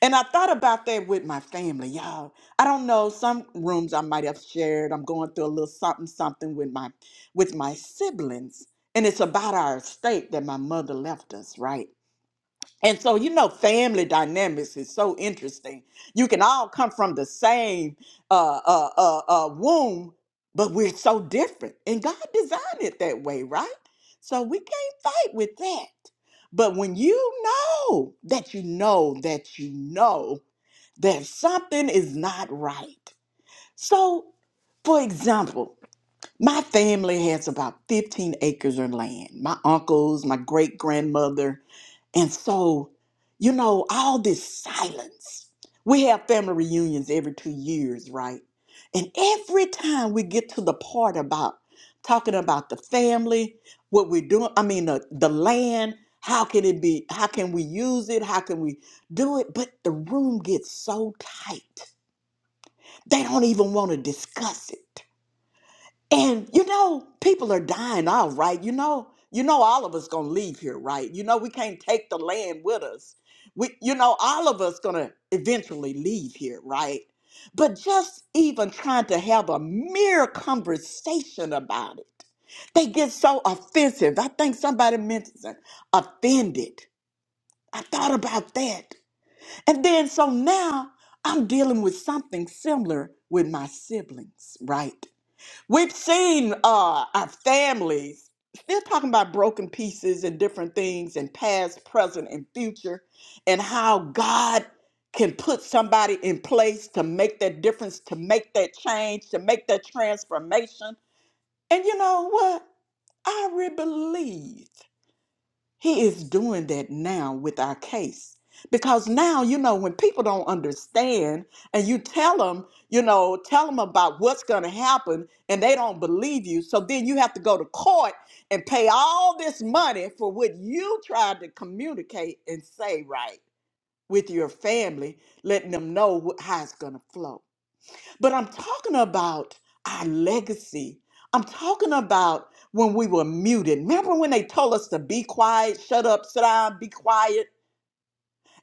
And I thought about that with my family, y'all. I don't know, some rooms I might have shared. I'm going through a little something something with my with my siblings. And it's about our estate that my mother left us, right? And so, you know, family dynamics is so interesting. You can all come from the same uh, uh, uh, uh, womb, but we're so different. And God designed it that way, right? So we can't fight with that. But when you know that you know that you know that something is not right. So, for example, my family has about 15 acres of land. My uncles, my great grandmother, and so, you know, all this silence. We have family reunions every two years, right? And every time we get to the part about talking about the family, what we're doing, I mean, the, the land, how can it be, how can we use it, how can we do it? But the room gets so tight, they don't even want to discuss it. And you know, people are dying out, right? You know, you know, all of us gonna leave here, right? You know, we can't take the land with us. We, you know, all of us gonna eventually leave here, right? But just even trying to have a mere conversation about it, they get so offensive. I think somebody mentioned offended. I thought about that, and then so now I'm dealing with something similar with my siblings, right? We've seen uh, our families still talking about broken pieces and different things and past, present, and future, and how God can put somebody in place to make that difference, to make that change, to make that transformation. And you know what? I really believe. He is doing that now with our case. Because now, you know, when people don't understand and you tell them, you know, tell them about what's going to happen and they don't believe you. So then you have to go to court and pay all this money for what you tried to communicate and say right with your family, letting them know wh- how it's going to flow. But I'm talking about our legacy. I'm talking about when we were muted. Remember when they told us to be quiet, shut up, sit down, be quiet?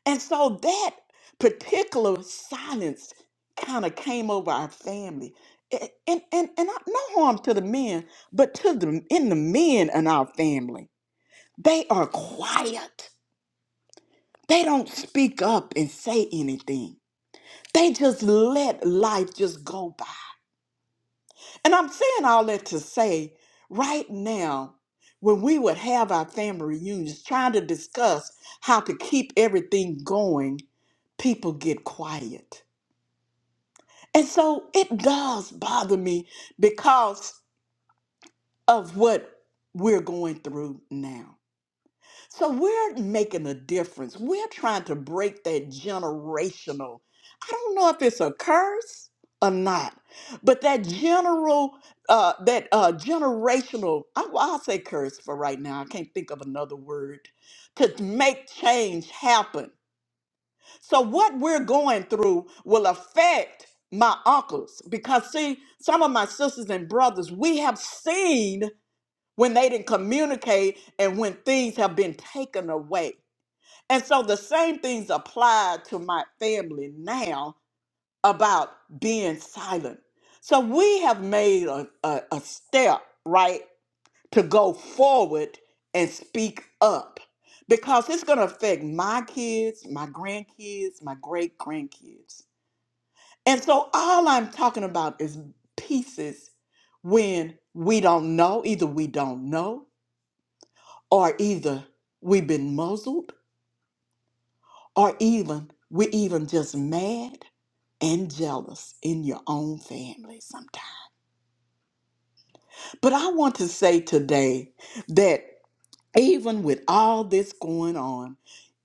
And so that particular silence kind of came over our family. A- And, and, and I- no harm to the men, but to the in the men in our family, they are quiet. They don't speak up and say anything. They just let life just go by. And I'm saying all that to say right now, when we would have our family reunions trying to discuss how to keep everything going, people get quiet. And so it does bother me because of what we're going through now. So we're making a difference. We're trying to break that generational. I don't know if it's a curse or not, but that general, uh, that uh, generational. I, I'll say curse for right now. I can't think of another word to make change happen. So what we're going through will affect my uncles because see, some of my sisters and brothers, we have seen when they didn't communicate and when things have been taken away. And so the same things apply to my family now about being silent. So we have made a, a, a step, right, to go forward and speak up because it's going to affect my kids, my grandkids, my great grandkids. And so all I'm talking about is pieces when we don't know, either we don't know or either we've been muzzled Or even, we're even just mad and jealous in your own family sometimes. But I want to say today that even with all this going on,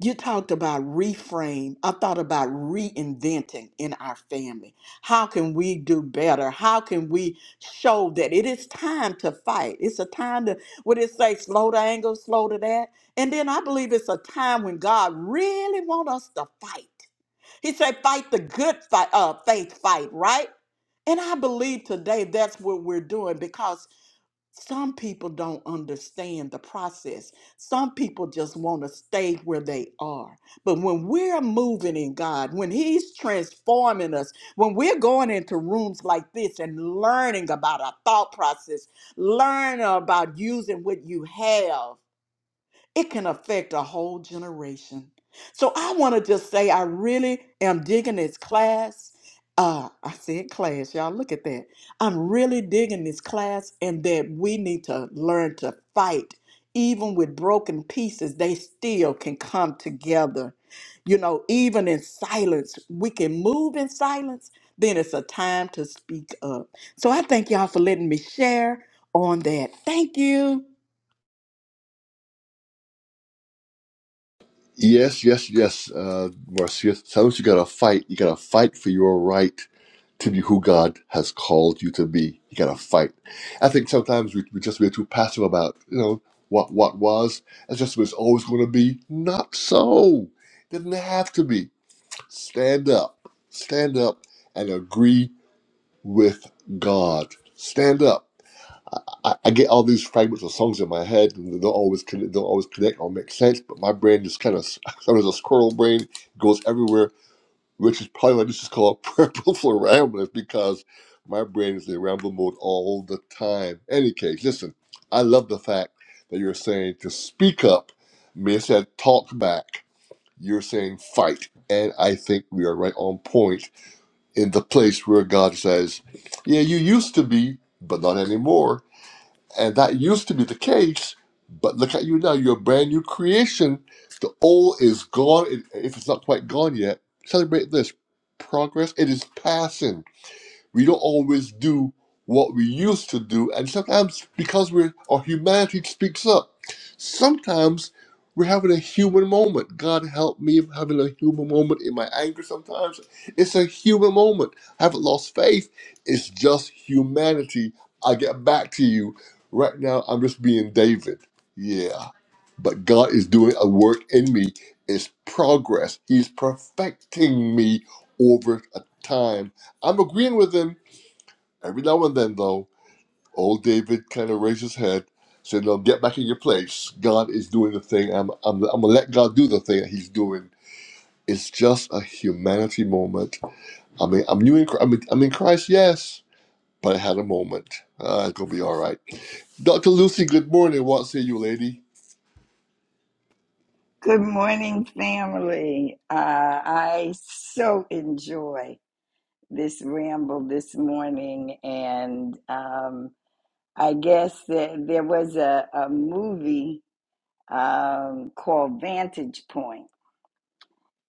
you talked about reframe. I thought about reinventing in our family. How can we do better? How can we show that it is time to fight? It's a time to, what it say, slow to anger, slow to that. And then I believe it's a time when God really wants us to fight he said, fight the good fight, uh, faith fight, right? And I believe today that's what we're doing because some people don't understand the process. Some people just want to stay where they are. But when we're moving in God, when He's transforming us, when we're going into rooms like this and learning about our thought process, learn about using what you have it can affect a whole generation. So I want to just say I really am digging this class. Uh, I said class, y'all. Look at that. I'm really digging this class, and that we need to learn to fight. Even with broken pieces, they still can come together. You know, even in silence, we can move in silence. Then it's a time to speak up. So I thank y'all for letting me share on that. Thank you.
Yes, yes, yes, uh, Marcia. Sometimes you gotta fight. You gotta fight for your right to be who God has called you to be. You gotta fight. I think sometimes we, we just we're too passive about you know what what was and just was always going to be. Not so. Didn't have to be. Stand up. Stand up and agree with God. Stand up. I, I I get all these fragments of songs in my head, and they don't always con- don't always connect or make sense. But my brain just kind of sometimes a squirrel brain goes everywhere, which is probably why this is called purple for ramblers because my brain is in ramble mode all the time. Any case, listen, I love the fact that you're saying to speak up. Me said talk back. You're saying fight, and I think we are right on point in the place where God says, "Yeah, you used to be, but not anymore." And that used to be the case, but look at you now. You're a brand new creation. The old is gone. If if it's not quite gone yet, celebrate this progress. It is passing we don't always do what we used to do and sometimes because we're our humanity speaks up sometimes we're having a human moment god help me if I'm having a human moment in my anger sometimes it's a human moment i haven't lost faith it's just humanity i get back to you right now i'm just being david yeah but god is doing a work in me it's progress he's perfecting me over a time I'm agreeing with him. Every now and then, though, old David kind of raised his head, said, "No, get back in your place. God is doing the thing. I'm, I'm, I'm gonna let God do the thing that He's doing. It's just a humanity moment. I mean, I'm new in, Chri- I'm in, I'm in Christ, yes, but I had a moment. Uh, it's gonna be all right." Dr. Lucy, good morning. What say you, lady?
Good morning, family. Uh, I so enjoy this ramble this morning, and um, I guess that there was a, a movie um, called Vantage Point,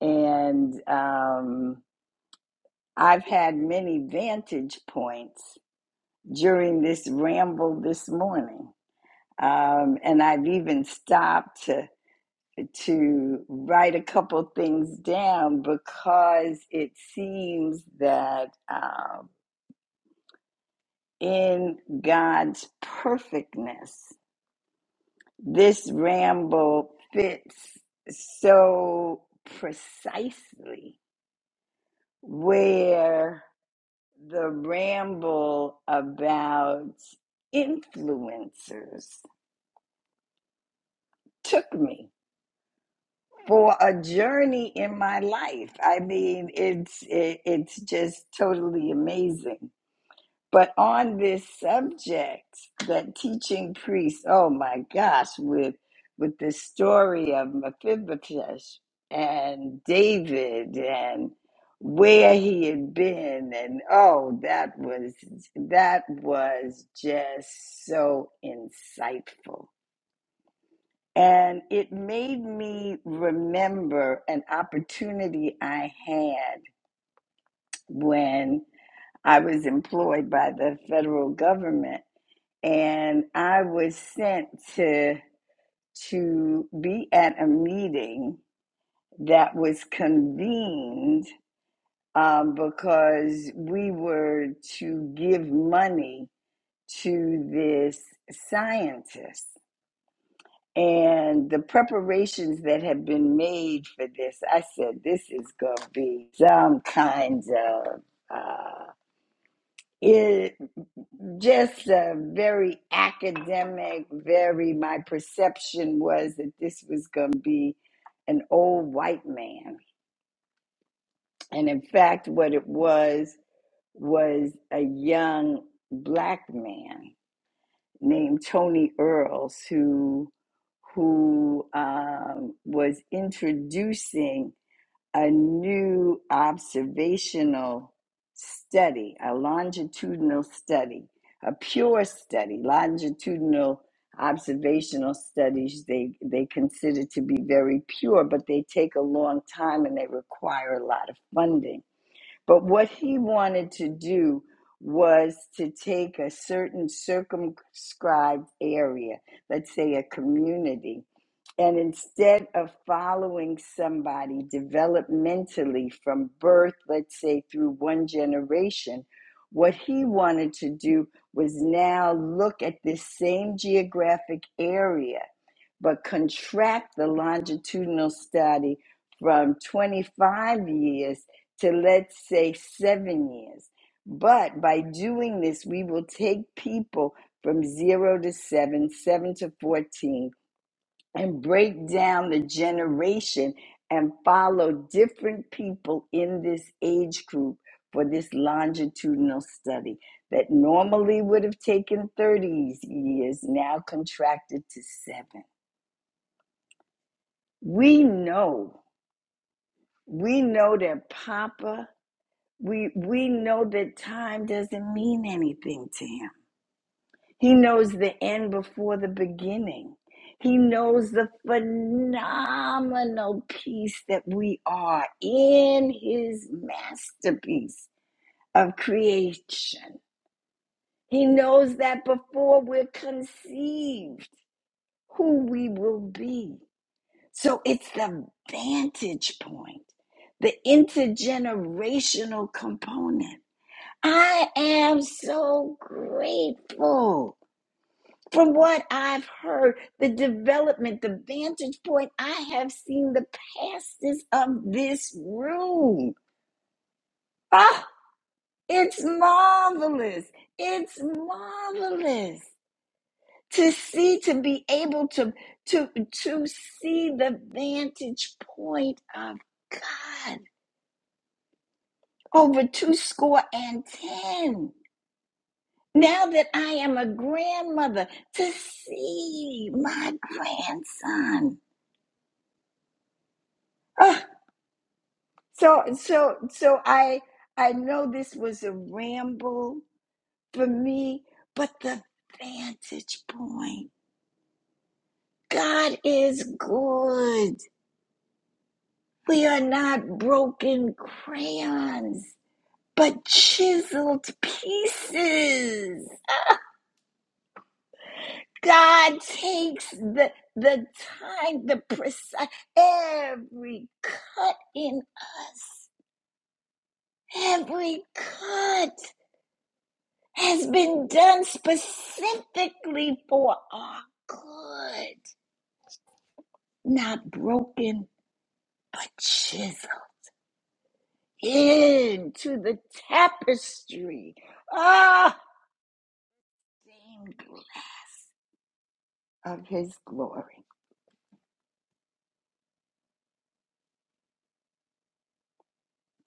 and um, I've had many vantage points during this ramble this morning, um, and I've even stopped to to write a couple things down because it seems that um, in God's perfectness, this ramble fits so precisely where the ramble about influencers took me for a journey in my life. I mean, it's it, it's just totally amazing. But on this subject, that teaching priest, oh my gosh, with with the story of Mephibosheth and David and where he had been and oh that was that was just so insightful and it made me remember an opportunity I had when I was employed by the federal government. And I was sent to, to be at a meeting that was convened um, because we were to give money to this scientist. And the preparations that have been made for this, I said, this is going to be some kinds of uh, it, just a very academic, very, my perception was that this was going to be an old white man. And in fact, what it was was a young black man named Tony Earls who who um, was introducing a new observational study, a longitudinal study, a pure study. Longitudinal observational studies they they consider to be very pure, but they take a long time and they require a lot of funding but what he wanted to do was to take a certain circumscribed area, let's say a community, and instead of following somebody developmentally from birth, let's say through one generation, what he wanted to do was now look at this same geographic area, but contract the longitudinal study from 25 years to, let's say, seven years. But by doing this, we will take people from zero to seven, seven to 14, and break down the generation and follow different people in this age group for this longitudinal study that normally would have taken 30 years, now contracted to seven. We know, we know that Papa, we, we know that time doesn't mean anything to him. He knows the end before the beginning. He knows the phenomenal piece that we are in his masterpiece of creation. He knows that before we're conceived, who we will be. So it's the vantage point, the intergenerational component. I am so grateful From what I've heard, the development, the vantage point, I have seen the pastors of this room. Ah, it's marvelous. It's marvelous to see, to be able to, to, to see the vantage point of God over two score and ten. Now that I am a grandmother, to see my grandson. Ah, So so so I I know this was a ramble for me, but the vantage point. God is good. We are not broken crayons, but chiseled pieces. God takes the the time, the precise every cut in us. Every cut. has been done specifically for our good, not broken, but chiseled into the tapestry ah, of His glory.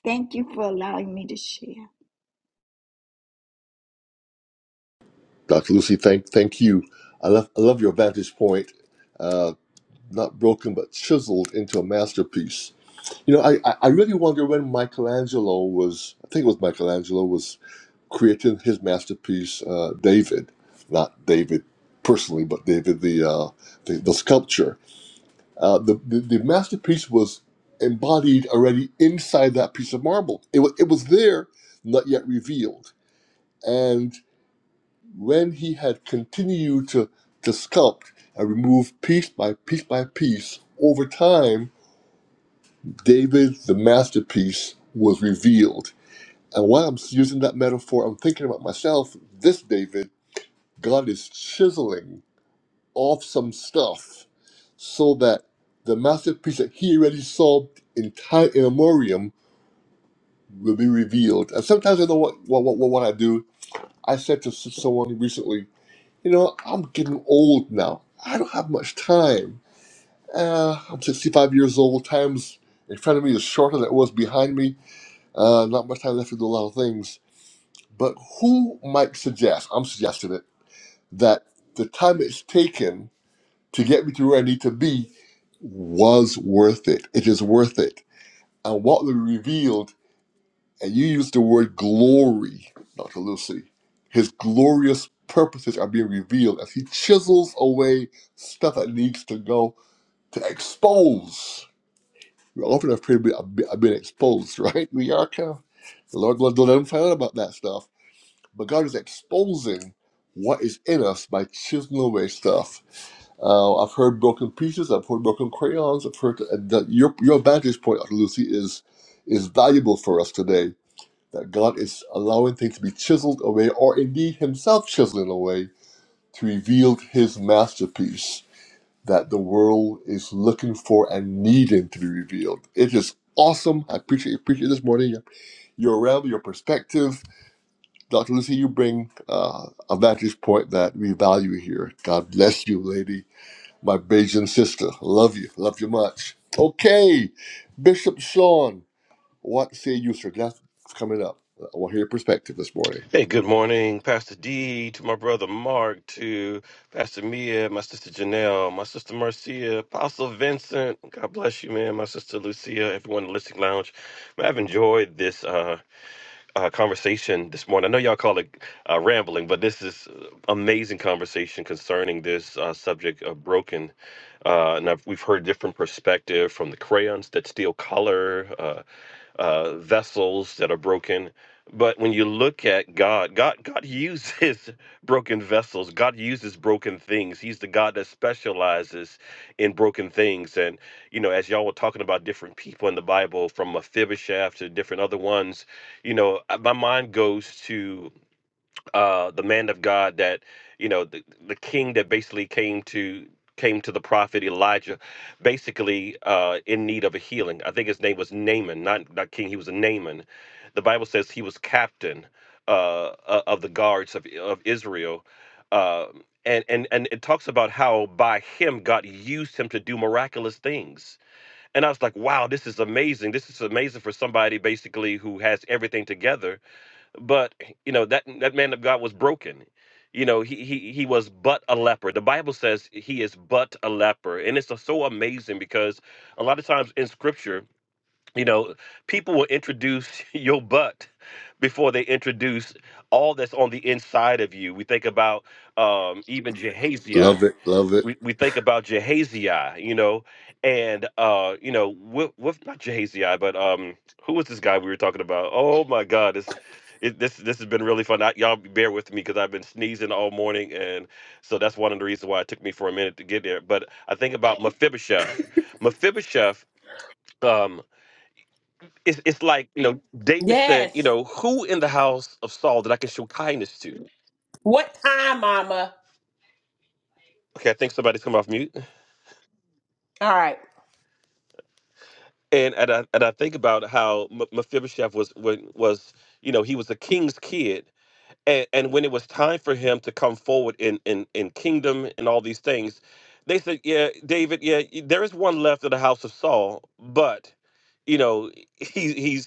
Thank you for allowing me to share.
Dr. Lucy, thank, thank you. I love, I love your vantage point. Uh, not broken, but chiseled into a masterpiece. You know, I, I I really wonder when Michelangelo was, I think it was Michelangelo, was creating his masterpiece, uh, David, not David personally, but David the uh, the, the sculpture. Uh, the, the the masterpiece was embodied already inside that piece of marble. It was it was there, not yet revealed. And when he had continued to to sculpt and remove piece by piece by piece over time, David the masterpiece was revealed And while I'm using that metaphor, I'm thinking about myself. This David, God is chiseling off some stuff so that the masterpiece that he already saw in time in memoriam will be revealed. And sometimes I know what what what, what I do. I said to s- someone recently, you know, I'm getting old now. I don't have much time. Uh, I'm 65 years old. Time's in front of me is shorter than it was behind me. Uh, not much time left to do a lot of things. But who might suggest? I'm suggesting it that the time it's taken to get me to where I need to be was worth it. It is worth it. And what we revealed, and you used the word glory, Dr. Lucy, his glorious purposes are being revealed as he chisels away stuff that needs to go to expose. We often have prayed I've been I've been exposed, right? We are kind of, the Lord don't don't let him find out about that stuff. But God is exposing what is in us by chiseling away stuff Uh, I've heard broken pieces. I've heard broken crayons. I've heard that your your vantage point, Dr. Lucy, is is valuable for us today. That God is allowing things to be chiseled away, or indeed Himself chiseling away, to reveal His masterpiece that the world is looking for and needing to be revealed. It is awesome. I appreciate appreciate this morning your, your realm, your perspective, Dr. Lucy. You bring uh, a vantage point that we value here. God bless you, lady my Bajan sister. Love you. Love you much. Okay, Bishop Sean, what say you, sir? That's coming up. I want to hear your perspective this morning.
Hey, good morning, Pastor D, to my brother Mark, to Pastor Mia, my sister Janelle, my sister Marcia, Apostle Vincent. God bless you, man. My sister Lucia, everyone in the listening lounge. Man, I've enjoyed this. Uh, uh, conversation this morning. I know y'all call it uh, rambling, but this is uh, amazing conversation concerning this uh, subject of broken. Uh, and I've, we've heard different perspective from the crayons that steal color, uh, uh, vessels that are broken. But when you look at God, God, God uses broken vessels. God uses broken things. He's the God that specializes in broken things. And you know, as y'all were talking about different people in the Bible, from Mephibosheth to different other ones, you know uh, my mind goes to uh the man of god that you know the, the king that basically came to came to the prophet elijah basically uh in need of a healing i think his name was naaman not not king he was a naaman the bible says he was captain uh o- of the guards of, of israel uh and, and and it talks about how by him god used him to do miraculous things and i was like wow this is amazing this is amazing for somebody basically who has everything together but you know that that man of God was broken. You know, he he he was but a leper. The Bible says he is but a leper, and it's so amazing because a lot of times in Scripture, you know, people will introduce your butt before they introduce all that's on the inside of you. We think about um, even Jehaziah
Love it. Love it.
we, we think about Jehaziah, you know, and uh, you know, with, with not Jehaziah, but um, who was this guy we were talking about? Oh my God, this it, this this has been really fun. I, y'all bear with me because I've been sneezing all morning, and so that's one of the reasons why it took me for a minute to get there. But I think about Mephibosheth. Mephibosheth, um. It's, it's like you know david said you
Yes.
know who in the house of saul that i can show kindness to
What time, Mama?
okay i think somebody's come off mute
All right,
and and I, and I think about how M- Mephibosheth was was was you know he was the king's kid, and, and when it was time for him to come forward in in in kingdom and all these things, they said, "Yeah, David, yeah, y- there is one left of the house of Saul, but." You know, he, he's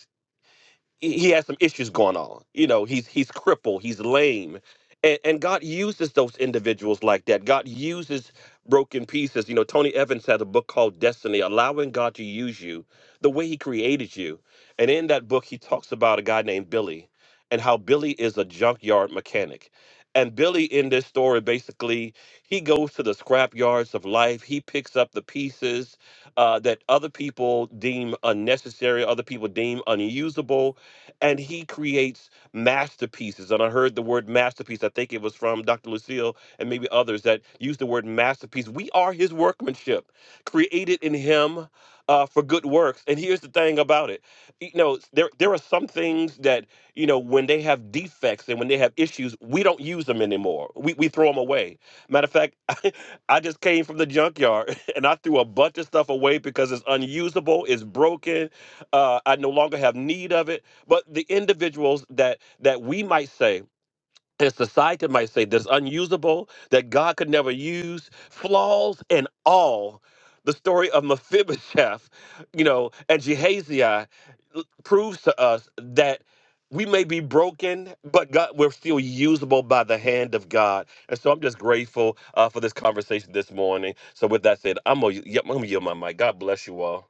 he he has some issues going on. You know, he's he's crippled, he's lame. And and God uses those individuals like that. God uses broken pieces. You know, Tony Evans had a book called Destiny, allowing God to use you the way he created you. And in that book he talks about a guy named Billy and how Billy is a junkyard mechanic. And Billy in this story basically he goes to the scrap yards of life. He picks up the pieces uh, that other people deem unnecessary, other people deem unusable and he creates masterpieces. And I heard the word masterpiece. I think it was from Dr. Lucille and maybe others that used the word masterpiece. We are his workmanship, created in him uh, for good works. And here's the thing about it. You know, there there are some things that, you know, when they have defects and when they have issues, we don't use them anymore. We we throw them away. Matter of fact, I, I just came from the junkyard and I threw a bunch of stuff away because it's unusable, it's broken, uh, I no longer have need of it but the individuals that that we might say that society might say that's unusable that god could never use flaws and all the story of mephibosheth you know and jehaziah l- proves to us that we may be broken, but God, we're still usable by the hand of God. And so I'm just grateful uh, for this conversation this morning. So with that said, I'm gonna, y- I'm gonna yield my mic. God bless you all.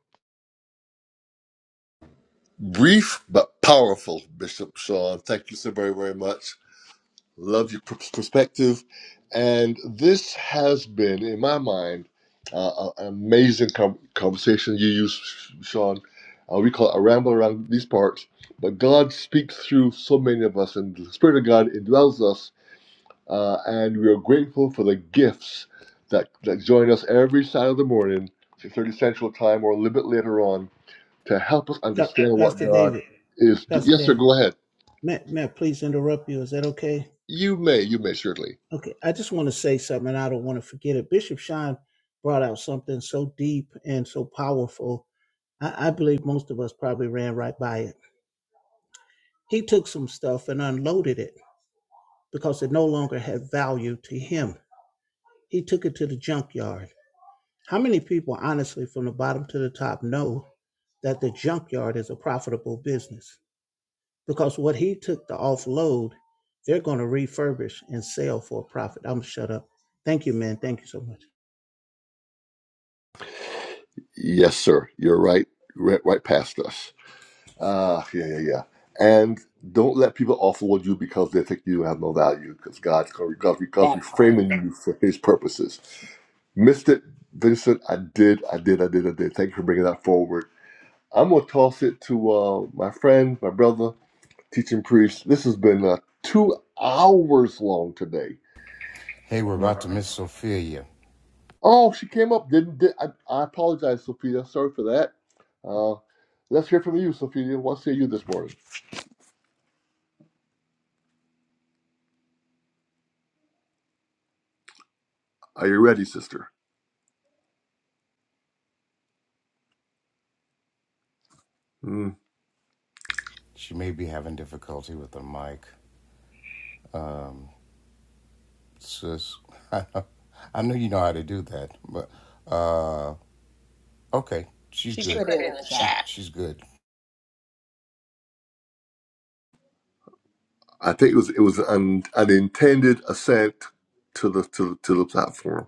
Brief but powerful, Bishop Sean. Thank you so very, very much. Love your pers- perspective. And this has been, in my mind, uh, a- an amazing com- conversation you use, Sean. Uh, we call it a ramble around these parts, but God speaks through so many of us, and the Spirit of God indwells us uh, and we are grateful for the gifts that, that join us every Saturday morning, 6:30 Central Time, or a little bit later on, to help us
Doc-
understand what God is. do-
Pastor
Yes, sir. Go ahead.
Matt, Matt, please interrupt you. Is that okay?
You may. You may certainly.
Okay, I just want to say something, and I don't want to forget it. Bishop Shine brought out something so deep and so powerful. I, I believe most of us probably ran right by it. He took some stuff and unloaded it because it no longer had value to him. He took it to the junkyard. How many people, honestly, from the bottom to the top, know that the junkyard is a profitable business? Because what he took to offload, they're going to refurbish and sell for a profit. I'm shut up. Thank you, man. Thank you so much.
Yes, sir. You're right. Right, right past us. Ah, yeah, yeah, yeah. And don't let people offload you because they think you have no value. Because God's going because because we're
that part.
framing you for His purposes. Missed it, Vincent. I did. I did. I did. I did. Thank you for bringing that forward I'm gonna toss it to uh, my friend, my brother, teaching priest. This has been uh, two hours long today.
Hey, we're about
Mhm.
to miss Sophia.
Oh, she came up. Didn't did, I, I apologize, Sophia. Sorry for that. Uh, let's hear from you, Sophia. What say you this morning? Are you ready, sister? Mm.
She may be having difficulty with the mic. sis. I know you know how to do that, but uh, okay, she's good.
She
She
put it
put
in
it in
the
the She-
chat.
chat. She, she's good.
I think it was it was an, an intended ascent to the to the, to the platform.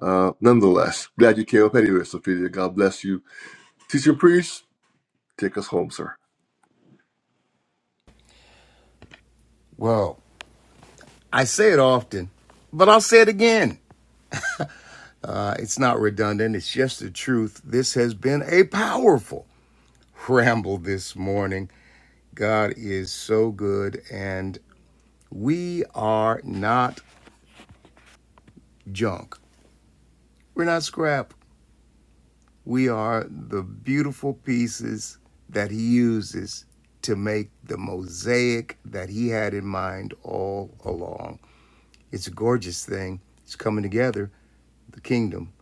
Uh, nonetheless, glad you came up anyway, Sophia. God bless you. teaching priest, take us home, sir.
Well, I say it often, but I'll say it again. Uh, it's not redundant. It's just the truth. This has been a powerful ramble this morning. God is so good, and we are not junk. We're not scrap. We are the beautiful pieces that he uses to make the mosaic that he had in mind all along. It's a gorgeous thing. It's coming together. The kingdom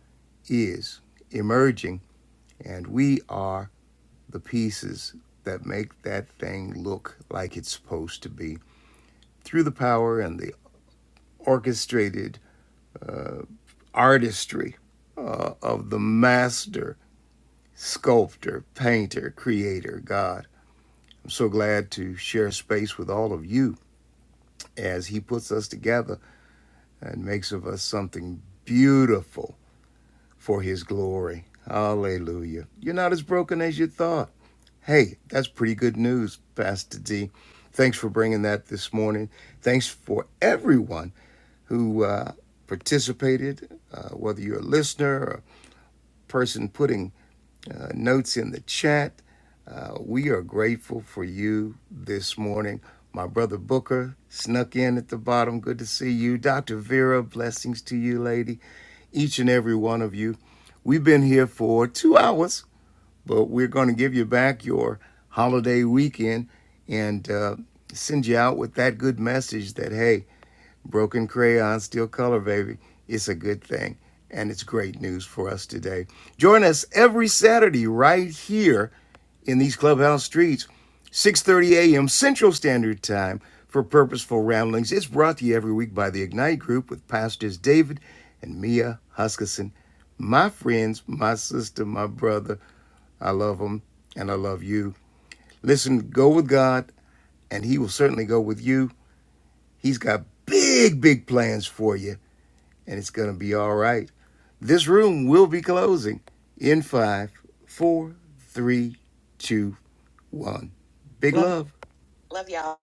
is emerging, and we are the pieces that make that thing look like it's supposed to be through the power and the orchestrated uh, artistry uh, of the master sculptor, painter, creator, God So glad to share space with all of you as He puts us together and makes of us something beautiful for His glory. Hallelujah. You're not as broken as you thought. Hey, that's pretty good news, Pastor D. Thanks for bringing that this morning. Thanks for everyone who uh, participated, uh, whether you're a listener or a person putting uh, notes in the chat Uh, we are grateful for you this morning. My brother Booker snuck in at the bottom. Good to see you. Dr. Vera, blessings to you, lady. Each and every one of you. We've been here for two hours, but we're going to give you back your holiday weekend and uh, send you out with that good message that, hey, broken crayon, still color, baby. It's a good thing and it's great news for us today. Join us every Saturday right here in these clubhouse streets. 6:30 a.m. Central Standard Time for Purposeful Ramblings. It's brought to you every week by the Ignite Group with pastors David and Mia Huskisson. My friends, my sister, my brother. I love them and I love you. Listen, go with God and he will certainly go with you. He's got big big plans for you and it's going to be all right. This room will be closing in five, four, three, two, one. Big
Love
love. Love y'all.